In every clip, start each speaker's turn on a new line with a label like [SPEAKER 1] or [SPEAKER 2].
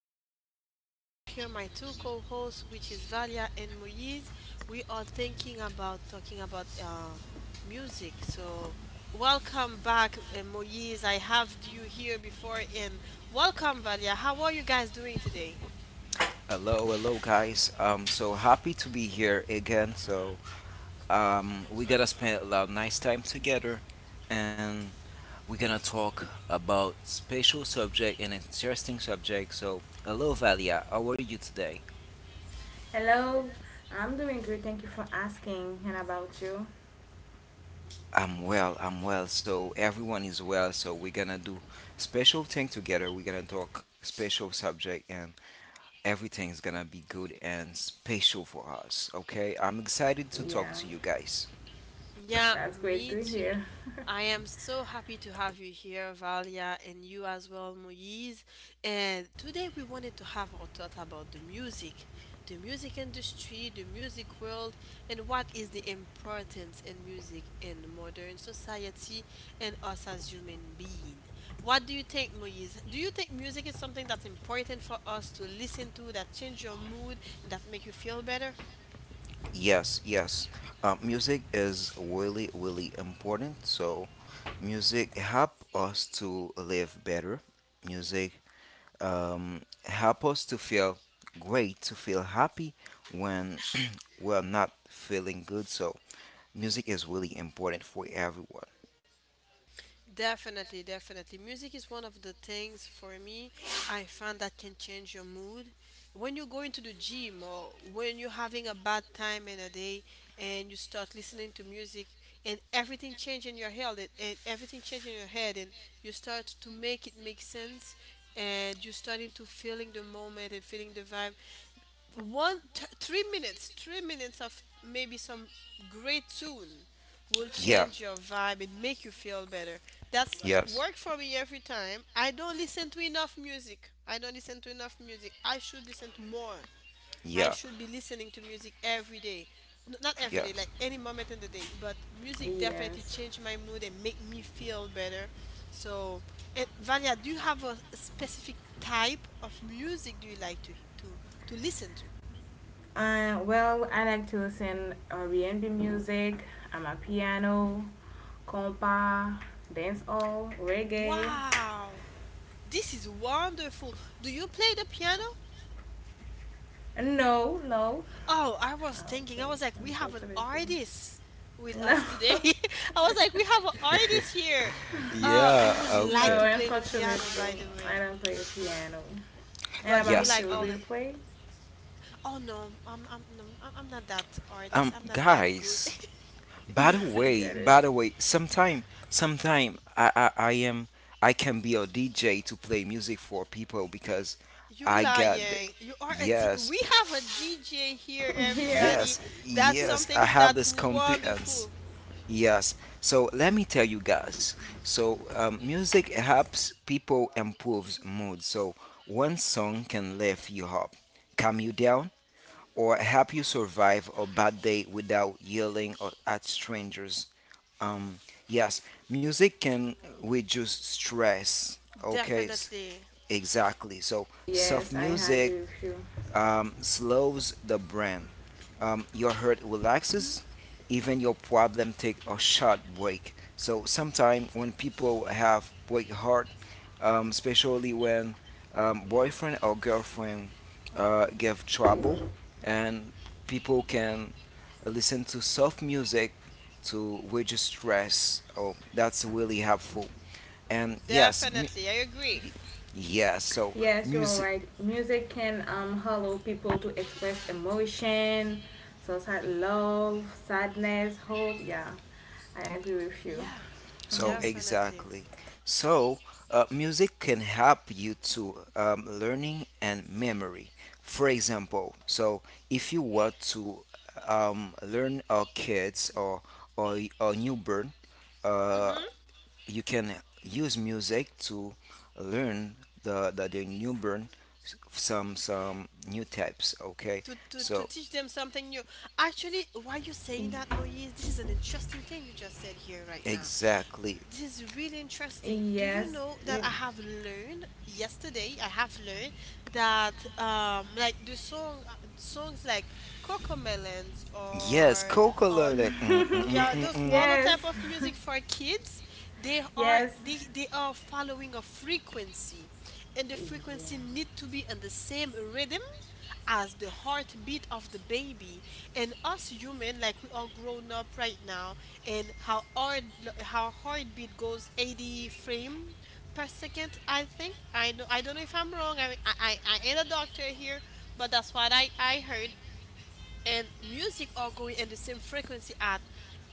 [SPEAKER 1] chat. I have here my two co hosts, which is Valia and Moise. We are thinking about talking about music. So, welcome back, Moise. I have you here before, and welcome, Valia. How are you guys doing today?
[SPEAKER 2] Hello, guys. So happy to be here again. So, we gotta spend a lot of nice time together, and we're gonna talk about special subject and interesting subject. So, hello, Valia. How are you today?
[SPEAKER 3] Hello, I'm doing great. Thank you for asking. And about you?
[SPEAKER 2] I'm well. I'm well. So everyone is well. So we're gonna do special thing together. We're gonna talk special subject, and everything's gonna be good and special for us. Okay. I'm excited to talk
[SPEAKER 3] Yeah,
[SPEAKER 2] to you guys.
[SPEAKER 1] Yeah,
[SPEAKER 3] that's great to
[SPEAKER 1] me
[SPEAKER 3] hear.
[SPEAKER 1] too. I am so happy to have you here, Valia, and you as well, Moise. And today we wanted to have our thought about the music industry, the music world, and what is the importance in music in modern society and us as human beings. What do you think, Moise? Do you think music is something that's important for us to listen to, that change your mood, and that make you feel better?
[SPEAKER 2] Yes, yes. Music is really, really important. So, music help us to live better. Music um, help us to feel great, to feel happy when we're not feeling good. So, music is really important for everyone.
[SPEAKER 1] Definitely, definitely. Music is one of the things for me I find that can change your mood. When you're going to the gym or when you're having a bad time in a day and you start listening to music and everything change in your head and everything change in your head and you start to make it make sense, and you're starting to feeling the moment and feeling the vibe, 3 minutes, of maybe some great tune will
[SPEAKER 2] Yeah.
[SPEAKER 1] change your vibe and make you feel better. That's
[SPEAKER 2] Yes.
[SPEAKER 1] work for me. Every time I don't listen to enough music, I don't listen to enough music, I should listen to more. I
[SPEAKER 2] Yeah.
[SPEAKER 1] should be listening to music every day. Not every day,
[SPEAKER 2] Yes.
[SPEAKER 1] like any moment in the day, but music definitely
[SPEAKER 3] Yes.
[SPEAKER 1] change my mood and make me feel better. So, and Valia, do you have a specific type of music do you like to listen to?
[SPEAKER 3] Well, I like to listen R&B music. I'm a piano, compa, dancehall, reggae.
[SPEAKER 1] Wow, this is wonderful. Do you play the piano?
[SPEAKER 3] No, no.
[SPEAKER 1] Oh, I was
[SPEAKER 3] Oh,
[SPEAKER 1] thinking, I
[SPEAKER 3] wait,
[SPEAKER 1] was like, we have an
[SPEAKER 3] unfortunately.
[SPEAKER 1] artist with
[SPEAKER 3] No.
[SPEAKER 1] us today. I was like, we have an artist here. I
[SPEAKER 2] Yeah.
[SPEAKER 1] would like
[SPEAKER 3] no,
[SPEAKER 2] Okay.
[SPEAKER 1] to play the piano,
[SPEAKER 3] unfortunately,
[SPEAKER 1] by the
[SPEAKER 3] I
[SPEAKER 1] way.
[SPEAKER 3] don't play piano.
[SPEAKER 1] But
[SPEAKER 3] And
[SPEAKER 1] you
[SPEAKER 3] about
[SPEAKER 2] Yes.
[SPEAKER 1] like
[SPEAKER 3] you,
[SPEAKER 2] Um,
[SPEAKER 3] do
[SPEAKER 1] all
[SPEAKER 3] you
[SPEAKER 1] the.
[SPEAKER 3] play?
[SPEAKER 1] Oh no, I'm no, I'm not that artist.
[SPEAKER 2] um
[SPEAKER 1] I'm not that good
[SPEAKER 2] guys.
[SPEAKER 1] with
[SPEAKER 2] By the
[SPEAKER 3] I
[SPEAKER 1] music.
[SPEAKER 2] way,
[SPEAKER 3] get it.
[SPEAKER 2] by the way, sometime I can be a DJ to play music for people because
[SPEAKER 1] You
[SPEAKER 2] I got the-
[SPEAKER 1] lying. You are
[SPEAKER 2] yes,
[SPEAKER 1] we have a DJ here,
[SPEAKER 3] Yeah.
[SPEAKER 1] everybody.
[SPEAKER 2] yes,
[SPEAKER 1] That's
[SPEAKER 2] yes. I
[SPEAKER 1] something
[SPEAKER 2] have
[SPEAKER 1] that
[SPEAKER 2] this competence.
[SPEAKER 1] wonderful.
[SPEAKER 2] Yes. So let me tell you guys. So music helps people improves mood. So one song can lift you up, calm you down, or help you survive a bad day without yelling or at strangers. Um, yes, music can reduce stress. Okay,
[SPEAKER 1] Definitely.
[SPEAKER 2] exactly. So soft
[SPEAKER 3] Yes, I
[SPEAKER 2] music
[SPEAKER 3] agree with you.
[SPEAKER 2] slows the brain. Your heart relaxes. Even your problem take a short break. So sometimes when people have break heart, especially when boyfriend or girlfriend give trouble, and people can listen to soft music to reduce stress. Oh, that's really helpful. And yes,
[SPEAKER 1] Definitely, I agree.
[SPEAKER 2] yes. So
[SPEAKER 3] Yes, you are
[SPEAKER 2] music.
[SPEAKER 3] right. Music can allow people to express emotion, so sad love, sadness, hope. Yeah, I agree with you.
[SPEAKER 1] Yeah,
[SPEAKER 2] So
[SPEAKER 1] definitely.
[SPEAKER 2] exactly. So music can help you to learning and memory. For example, so if you want to learn our kids or or newborn, uh,
[SPEAKER 1] Mm-hmm.
[SPEAKER 2] you can use music to learn the newborn some new types. Okay.
[SPEAKER 1] To
[SPEAKER 2] So
[SPEAKER 1] teach them something new. Actually, why you
[SPEAKER 3] Y-
[SPEAKER 1] saying that, Moise? This is an interesting thing you just said here right now.
[SPEAKER 2] exactly.
[SPEAKER 1] This is really interesting. Do you
[SPEAKER 3] yes,
[SPEAKER 1] know that
[SPEAKER 3] you.
[SPEAKER 1] I have learned yesterday? I have learned that like the song, songs like Cocomelons
[SPEAKER 2] Yes.
[SPEAKER 1] or
[SPEAKER 2] Coca.
[SPEAKER 1] or yeah, those all the type
[SPEAKER 3] yes,
[SPEAKER 1] of music for kids. they are
[SPEAKER 3] yes.
[SPEAKER 1] they they are following a frequency, and the
[SPEAKER 3] Yeah.
[SPEAKER 1] frequency need to be on the same rhythm as the heartbeat of the baby, and us human, like, we are grown up right now. And how heartbeat goes 80 frame per second. I think, I know, I don't know if I'm wrong. I ain't a doctor here, but that's what I heard. And music are going in the same frequency at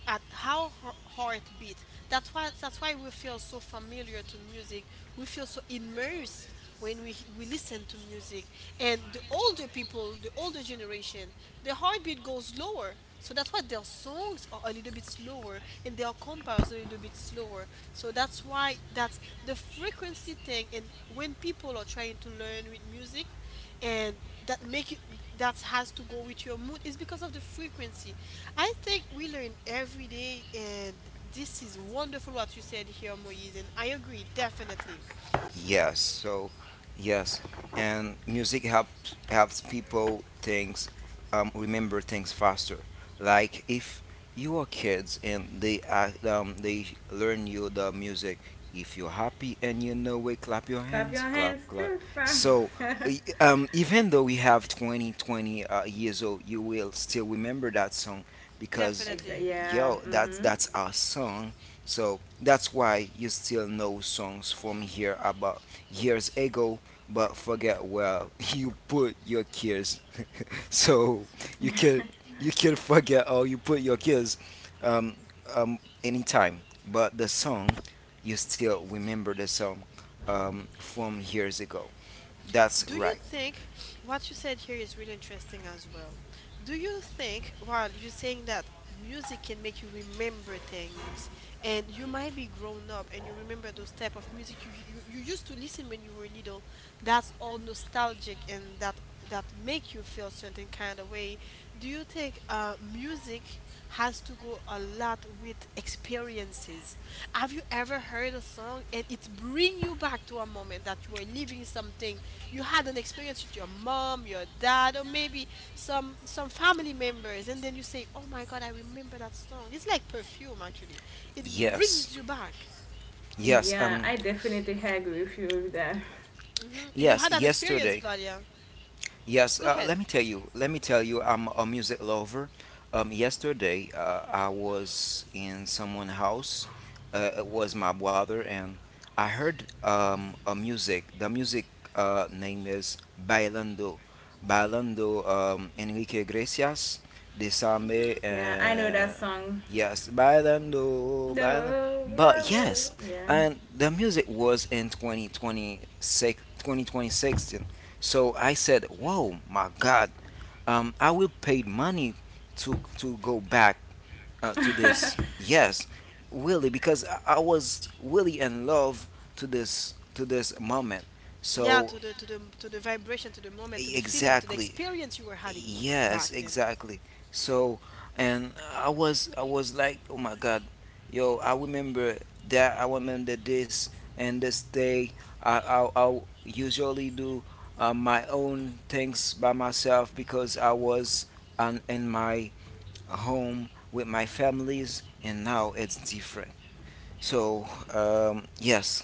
[SPEAKER 1] how her heart beat. That's why we feel so familiar to music. We feel so immersed when we listen to music. And the older people, the older generation, their heartbeat goes lower, so that's why their songs are a little bit slower and their compares a little bit slower. So that's why, that's the frequency thing. And when people are trying to learn with music, and that make you that has to go with your mood, is because of the frequency. I think we learn every day, and this is wonderful what you said here, Moise, and I agree, definitely,
[SPEAKER 2] Yes, so yes, and music helps people things remember things faster. Like if you are kids and they they learn you the music. If you're happy and you know it, clap your
[SPEAKER 3] Clap
[SPEAKER 2] hands,
[SPEAKER 3] your
[SPEAKER 2] clap
[SPEAKER 3] hands
[SPEAKER 2] clap.
[SPEAKER 3] too. Clap.
[SPEAKER 2] So even though we have twenty years old, you will still remember that song because
[SPEAKER 1] definitely.
[SPEAKER 3] exactly. Yeah.
[SPEAKER 2] yo, that's
[SPEAKER 3] Mhm.
[SPEAKER 2] that's our song. So that's why you still know songs from here about years ago, but forget where you put your kids. So you can you can forget or you put your kids um, um, anytime, but the song you still remember the song from years ago. That's
[SPEAKER 1] Do you
[SPEAKER 2] right.
[SPEAKER 1] think what you said here is really interesting as well? Do you think, while you're saying that music can make you remember things, and you might be grown up and you remember those type of music you used to listen when you were little, that's all nostalgic, and that, that make you feel certain kind of way? Do you think music has to go a lot with experiences? Have you ever heard a song and it bring you back to a moment that you were living something, you had an experience with your mom, your dad, or maybe some family members, and then you say, oh my god, I remember that song. It's like perfume, actually. It
[SPEAKER 2] Yes,
[SPEAKER 1] brings you back.
[SPEAKER 2] yes,
[SPEAKER 3] Yeah, I definitely agree with you with that.
[SPEAKER 1] You had
[SPEAKER 2] yes.
[SPEAKER 1] that experience,
[SPEAKER 2] Yesterday.
[SPEAKER 1] Valia? Go
[SPEAKER 2] Yes,
[SPEAKER 1] ahead.
[SPEAKER 2] let me tell you. Let me tell you, I'm a music lover. Yesterday, I was in someone's house. It was my brother, and I heard a music. The music name is Bailando. Bailando, Enrique Iglesias, de Same,
[SPEAKER 3] Yeah, I know that song.
[SPEAKER 2] yes, Bailando, Bailando.
[SPEAKER 3] No.
[SPEAKER 2] But yes,
[SPEAKER 3] Yeah,
[SPEAKER 2] and the music was in 2026, so I said, "Whoa, my God! I will pay money to go back to this." Yes, really, because I was really in love to this, to this moment.
[SPEAKER 1] Yeah,
[SPEAKER 2] So
[SPEAKER 1] to the vibration, to the moment, to the feeling, to the
[SPEAKER 2] exactly.
[SPEAKER 1] experience you were having
[SPEAKER 2] Yes,
[SPEAKER 1] back then.
[SPEAKER 2] exactly. So, and I was like, oh my God, yo, I remember that. I remember this and this day. I usually do my own things by myself because I was in my home with my families, and now it's different. So, yes,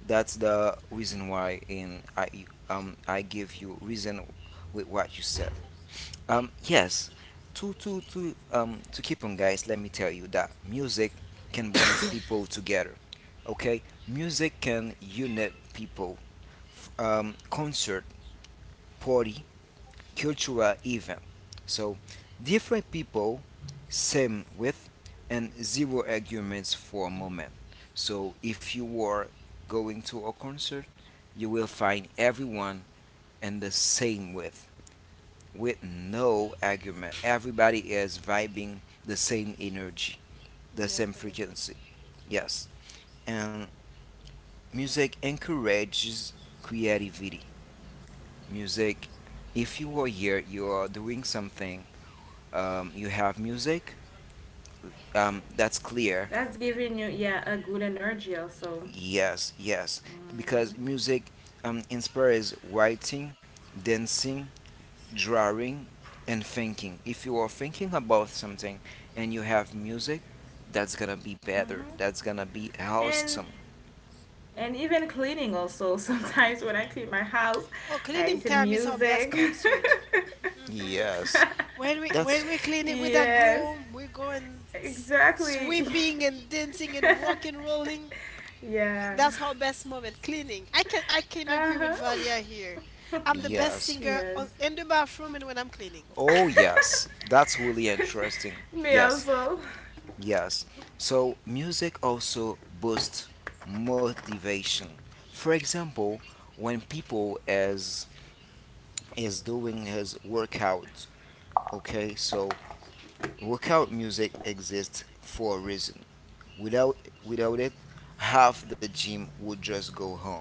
[SPEAKER 2] that's the reason why, and I give you reason with what you said. Yes, to keep on, guys. Let me tell you that music can brings people together. Okay, music can unite people. Concert, party, cultural event. So different people, same with, and zero arguments for a moment. So if you are going to a concert, you will find everyone and the same with, no argument. Everybody is vibing the same energy, the same
[SPEAKER 1] Definitely.
[SPEAKER 2] frequency. Yes. And music encourages creativity. Music, if you are here, you are doing something, you have music, that's clear.
[SPEAKER 3] that's giving you yeah a good energy also,
[SPEAKER 2] Yes, yes. Because music inspires writing, dancing, drawing and thinking. If you are thinking about something and you have music, that's gonna be better.
[SPEAKER 3] hmm
[SPEAKER 2] That's gonna be awesome.
[SPEAKER 3] and and even cleaning also. Sometimes when I clean my house,
[SPEAKER 1] Oh,
[SPEAKER 3] I
[SPEAKER 1] cleaning
[SPEAKER 3] listen
[SPEAKER 1] time is our best
[SPEAKER 3] music.
[SPEAKER 1] concert.
[SPEAKER 2] Yes.
[SPEAKER 1] When
[SPEAKER 2] That's
[SPEAKER 1] we're cleaning with that
[SPEAKER 3] yes,
[SPEAKER 1] broom, we go and
[SPEAKER 3] exactly.
[SPEAKER 1] sweeping and dancing and rock and rolling.
[SPEAKER 3] yeah.
[SPEAKER 1] That's our best moment cleaning. I can agree
[SPEAKER 3] Uh
[SPEAKER 1] with
[SPEAKER 3] huh.
[SPEAKER 1] Valia here. I'm the best
[SPEAKER 2] yes.
[SPEAKER 1] singer
[SPEAKER 3] yes.
[SPEAKER 1] in the bathroom and when I'm cleaning.
[SPEAKER 2] Oh, yes, that's really interesting.
[SPEAKER 3] Me
[SPEAKER 2] Yes,
[SPEAKER 3] also.
[SPEAKER 2] yes. So, music also boosts motivation. For example, when people is doing his workout, okay? So, workout music exists for a reason. Without without it, half the gym would just go home.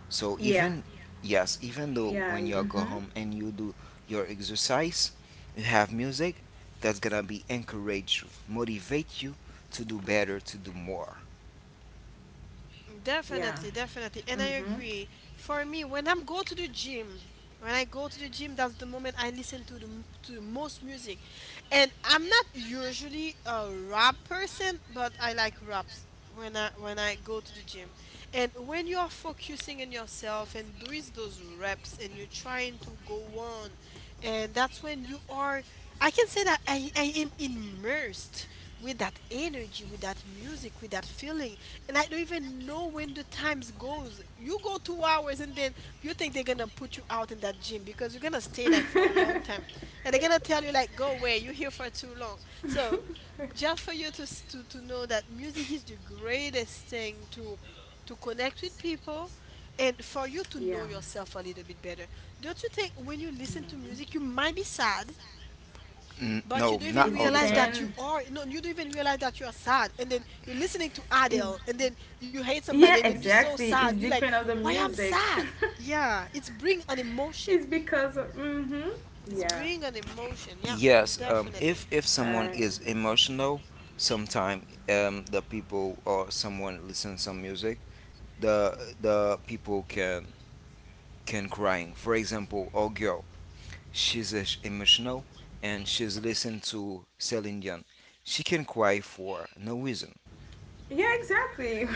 [SPEAKER 2] So
[SPEAKER 3] Yeah.
[SPEAKER 2] even, yes, even though
[SPEAKER 3] Yeah.
[SPEAKER 2] when you go
[SPEAKER 3] Mhm.
[SPEAKER 2] home and you do your exercise, you have music that's gonna be encourage you, motivate you to do better, to do more.
[SPEAKER 3] Yeah.
[SPEAKER 1] Definitely, definitely. And I
[SPEAKER 3] Mhm.
[SPEAKER 1] agree. For me, when I go to the gym, that's the moment I listen to the most music. And I'm not usually a rap person, but I like raps when I go to the gym. And when you are focusing on yourself and doing those reps and you're trying to go on, and that's when you are I can say that I am immersed with that energy, with that music, with that feeling, and I don't even know when the times goes. You go 2 hours and then you think they're gonna put you out in that gym because you're gonna stay like for a long time, and they're gonna tell you like, go away, you're here for too long. So, just for you to know that music is the greatest thing to connect with people, and for you to know
[SPEAKER 3] yeah.
[SPEAKER 1] yourself a little bit better. Don't you think when you listen to
[SPEAKER 3] Mm.
[SPEAKER 1] music, you might be sad, but
[SPEAKER 2] No,
[SPEAKER 1] you don't even
[SPEAKER 2] not
[SPEAKER 3] It's the
[SPEAKER 2] all the
[SPEAKER 1] realize
[SPEAKER 2] time.
[SPEAKER 1] that you
[SPEAKER 3] pain.
[SPEAKER 1] are no, you don't even realize that you are sad, and then you're listening to
[SPEAKER 3] Is
[SPEAKER 1] Adele, and then you hate somebody,
[SPEAKER 3] yeah,
[SPEAKER 1] and then you're so
[SPEAKER 3] exactly. It's
[SPEAKER 1] sad, you're
[SPEAKER 3] the
[SPEAKER 1] like,
[SPEAKER 3] pain of the
[SPEAKER 1] why I'm
[SPEAKER 3] music.
[SPEAKER 1] sad? Yeah, it's bring an emotion.
[SPEAKER 3] it's because mm-hmm.
[SPEAKER 1] It's
[SPEAKER 3] Yeah.
[SPEAKER 1] bring an emotion. Yeah,
[SPEAKER 2] Yes, if
[SPEAKER 1] definitely.
[SPEAKER 2] someone
[SPEAKER 3] I
[SPEAKER 2] is emotional, sometime the people or someone listen some music, the people can crying. For example, a girl, she's emotional and she's listen to Celine Dion. She can cry for no reason.
[SPEAKER 3] yeah, exactly.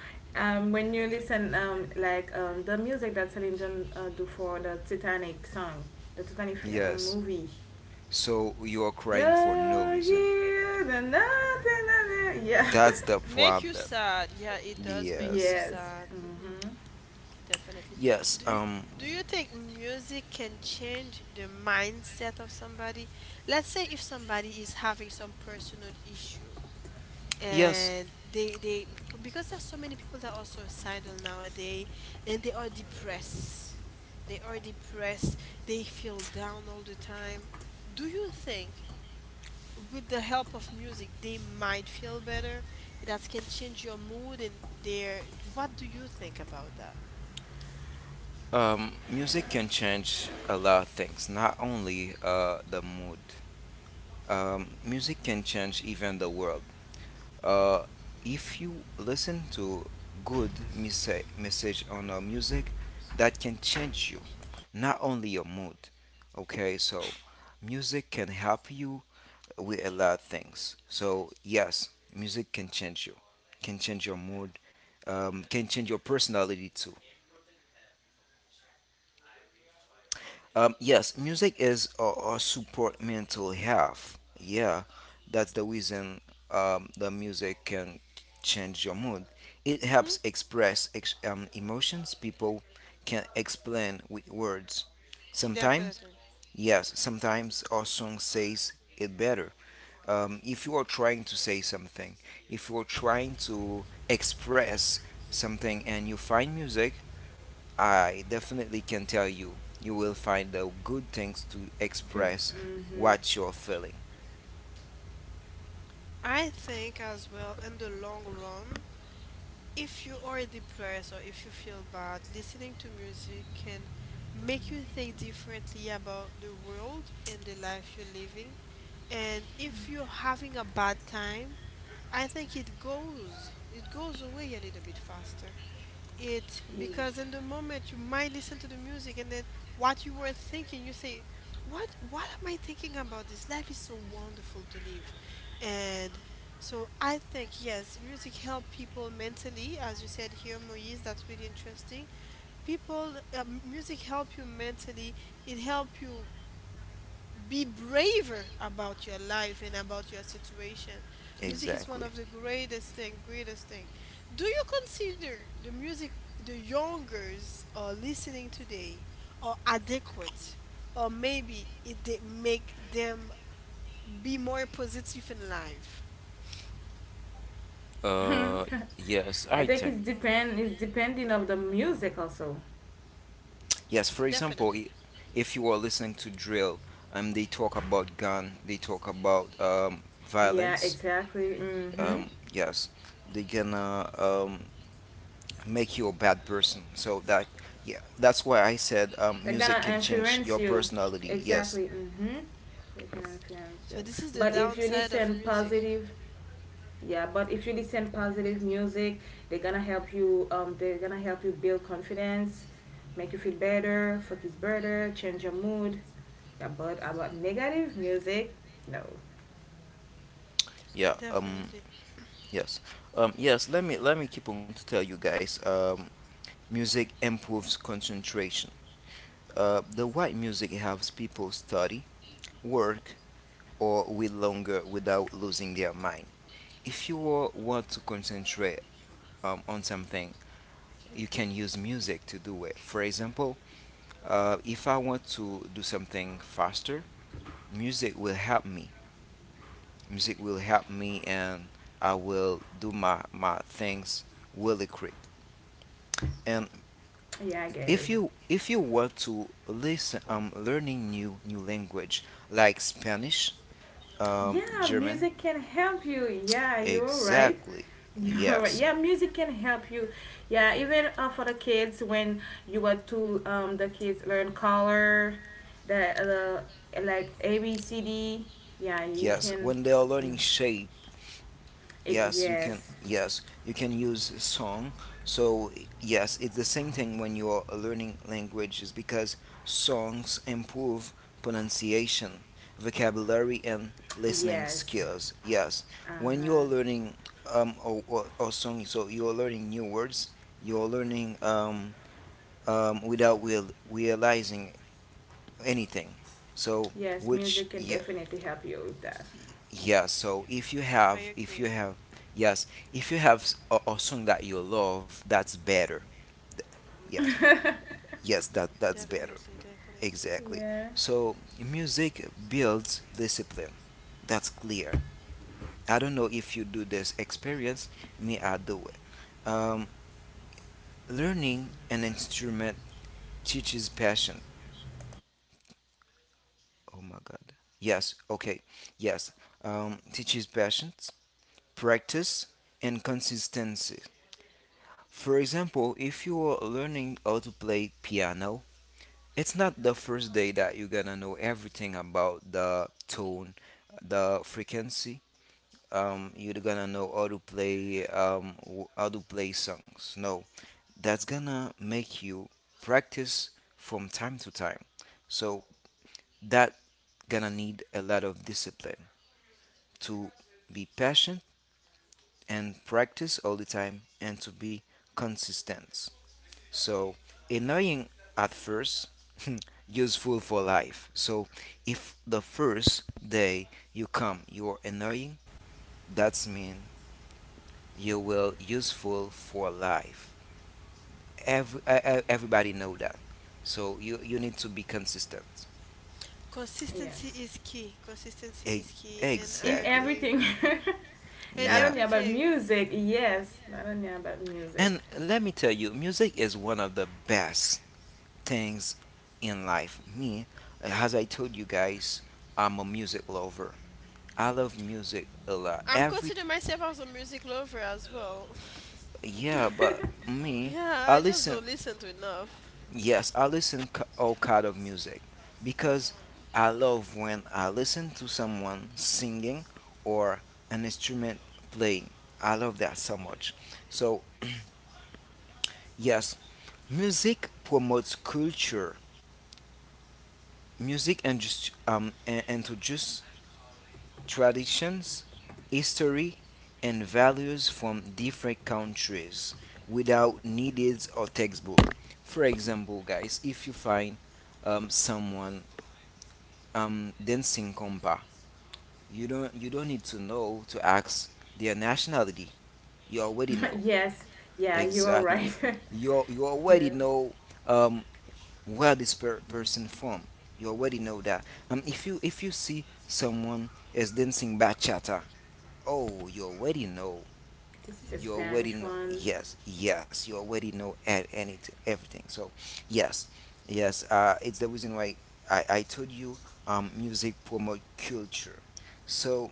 [SPEAKER 3] when you listen, like the music that Celine Dion do for the Titanic song, the Titanic film,
[SPEAKER 2] Yes,
[SPEAKER 3] movie.
[SPEAKER 2] so you are crying for no
[SPEAKER 3] Yeah,
[SPEAKER 2] reason.
[SPEAKER 3] here the nothing, nothing. Yeah,
[SPEAKER 2] That's the
[SPEAKER 1] Make you
[SPEAKER 2] problem.
[SPEAKER 1] sad. Yeah, it does make
[SPEAKER 2] Yes,
[SPEAKER 1] you
[SPEAKER 3] yes.
[SPEAKER 1] sad.
[SPEAKER 3] Mhm.
[SPEAKER 1] Definitely.
[SPEAKER 2] yes,
[SPEAKER 1] do you do you think music can change the mindset of somebody? Let's say if somebody is having some personal issue,
[SPEAKER 2] yes.
[SPEAKER 1] and they, because there's so many people that are suicidal nowadays, and they are depressed. they are depressed they feel down all the time. Do you think with the help of music they might feel better, that can change your mood and, their what do you think about that?
[SPEAKER 2] Music can change a lot of things, not only the mood. Music can change even the world. Uh, if you listen to good message on music, that can change you, not only your mood. Okay, so music can help you with a lot of things. So yes, music can change you, can change your mood, can change your personality too. Yes, music is support mental health. Yeah, that's the reason the music can change your mood. It
[SPEAKER 1] Mm-hmm.
[SPEAKER 2] helps express emotions people can explain with words. Sometimes,
[SPEAKER 1] Definitely.
[SPEAKER 2] yes, sometimes our song says it better. If you are trying to say something, if you are trying to express something and you find music, I definitely can tell you, you will find the good things to
[SPEAKER 3] To
[SPEAKER 2] express
[SPEAKER 3] mhm.
[SPEAKER 2] what you're feeling.
[SPEAKER 1] I think as well, in the long run, if you are depressed or if you feel bad, listening to music can make you think differently about the world and the life you're living. And if you're having a bad time, I think it goes, it goes away a little bit faster. It
[SPEAKER 3] Yeah.
[SPEAKER 1] Because in the moment you might listen to the music, and then what you were thinking, you say, what am I thinking about? This life is so wonderful to live. And so I think, yes, music help people mentally, as you said here, Moise. That's really interesting. People, music help you mentally. It help you be braver about your life and about your situation. Music is one
[SPEAKER 2] Exactly.
[SPEAKER 1] of the greatest thing, greatest thing. Do you consider the music the youngers are listening today are adequate, or maybe it they make them be more positive in life?
[SPEAKER 2] Uh, yes,
[SPEAKER 3] I
[SPEAKER 2] I
[SPEAKER 3] think it's
[SPEAKER 2] think.
[SPEAKER 3] depend it's depending of the music also.
[SPEAKER 2] Yes, for
[SPEAKER 1] Definitely.
[SPEAKER 2] example, if you are listening to drill, they talk about gun, they talk about
[SPEAKER 3] Yeah,
[SPEAKER 2] violence.
[SPEAKER 3] exactly. Mm-hmm.
[SPEAKER 2] Yes, they gonna make you a bad person. So that, yeah, that's why I said
[SPEAKER 3] They're
[SPEAKER 2] music
[SPEAKER 3] gonna
[SPEAKER 2] can change
[SPEAKER 3] influence
[SPEAKER 2] your
[SPEAKER 3] you.
[SPEAKER 2] personality. Yes,
[SPEAKER 3] Exactly. Mm-hmm. They can influence
[SPEAKER 1] So
[SPEAKER 3] you.
[SPEAKER 1] this is the
[SPEAKER 3] But if you
[SPEAKER 1] downside of
[SPEAKER 3] listen
[SPEAKER 1] music.
[SPEAKER 3] positive, yeah. But if you listen positive music, they're gonna help you. They're gonna help you build confidence, make you feel better, focus better, change your mood. Yeah, but about negative music, no.
[SPEAKER 2] yeah.
[SPEAKER 1] Definitely.
[SPEAKER 2] Yes. Yes, let me keep on to tell you guys, music improves concentration. The white music helps people study, work, or read longer without losing their mind. If you want to concentrate on something, you can use music to do it. For example, if I want to do something faster, music will help me. Music will help me, and I will do my things really quick. And
[SPEAKER 3] Yeah, I get
[SPEAKER 2] if
[SPEAKER 3] it.
[SPEAKER 2] you if you want to listen learning new language like Spanish,
[SPEAKER 3] Yeah,
[SPEAKER 2] German.
[SPEAKER 3] music can help you. Yeah, you're right.
[SPEAKER 2] Exactly.
[SPEAKER 3] You're right.
[SPEAKER 2] Yes.
[SPEAKER 3] Yeah, music can help you. Yeah, even for the kids when you want to the kids learn color, the the like ABCD. Yeah, you
[SPEAKER 2] Yes,
[SPEAKER 3] can.
[SPEAKER 2] when they are
[SPEAKER 3] Mm,
[SPEAKER 2] learning shape.
[SPEAKER 3] It,
[SPEAKER 2] Yes, you can.
[SPEAKER 3] yes,
[SPEAKER 2] Yes, you can use song. So yes, it's the same thing when you are learning languages because songs improve pronunciation, vocabulary, and listening
[SPEAKER 3] yes.
[SPEAKER 2] skills. Yes,
[SPEAKER 3] Uh
[SPEAKER 2] when you
[SPEAKER 3] huh.
[SPEAKER 2] are learning or song, so you are learning new words. You are learning without realizing anything. So,
[SPEAKER 3] Yes,
[SPEAKER 2] which,
[SPEAKER 3] music can
[SPEAKER 2] yeah,
[SPEAKER 3] definitely help you with that.
[SPEAKER 2] yeah, so if you
[SPEAKER 1] I
[SPEAKER 2] have, if you
[SPEAKER 1] agree.
[SPEAKER 2] have, yes, if you have a song that you love, that's better. Yes, yes, that's better.
[SPEAKER 1] Definitely, definitely.
[SPEAKER 2] Exactly.
[SPEAKER 3] yeah.
[SPEAKER 2] So music builds discipline. That's clear. I don't know if you do this experience. Me, I do it. Learning an instrument teaches passion. Oh my God. Yes. Okay. Yes. Teaches patience, practice, and consistency. For example, if you are learning how to play piano, it's not the first day that you're gonna know everything about the tone, the frequency. You're gonna know how to play songs. No, that's gonna make you practice from time to time. So that gonna need a lot of discipline to be patient and practice all the time and to be consistent. So, annoying at first, useful for life. So, if the first day you come, you're annoying, that's mean you will useful for life. Everybody know that. So, you need to be consistent.
[SPEAKER 1] Consistency
[SPEAKER 3] Yes.
[SPEAKER 1] is key. Consistency
[SPEAKER 2] E-
[SPEAKER 1] is key, and
[SPEAKER 3] In
[SPEAKER 1] I
[SPEAKER 2] exactly.
[SPEAKER 1] agree.
[SPEAKER 3] everything.
[SPEAKER 1] And
[SPEAKER 3] Not
[SPEAKER 2] Yeah.
[SPEAKER 3] only about
[SPEAKER 1] everything.
[SPEAKER 3] music. Yes. Not only about music.
[SPEAKER 2] And let me tell you, music is one of the best things in life. Me, as I told you guys, I'm a music lover. I love music a lot.
[SPEAKER 1] I'm
[SPEAKER 2] Every,
[SPEAKER 1] considering myself as a music lover as well.
[SPEAKER 2] yeah, but me,
[SPEAKER 1] Yeah,
[SPEAKER 2] I
[SPEAKER 1] I just
[SPEAKER 2] listen.
[SPEAKER 1] don't listen to enough.
[SPEAKER 2] Yes, I listen all kind of music because I love when I listen to someone singing or an instrument playing. I love that so much. So yes, music promotes culture. Music and just and traditions, history, and values from different countries without needed or textbook. For example, guys, if you find someone dancing compa, you don't need to know to ask their nationality. You already know.
[SPEAKER 3] yes. Yeah, you are
[SPEAKER 2] Exactly.
[SPEAKER 3] right.
[SPEAKER 2] You
[SPEAKER 3] yeah.
[SPEAKER 2] already know um, where this person from. You already know that. If you see someone is dancing bachata, oh, you already know.
[SPEAKER 3] This is a
[SPEAKER 2] You already
[SPEAKER 3] Spanish
[SPEAKER 2] know.
[SPEAKER 3] one.
[SPEAKER 2] Yes, yes. You already know anything, everything. So, yes, yes. It's the reason why I told you music promote culture. So,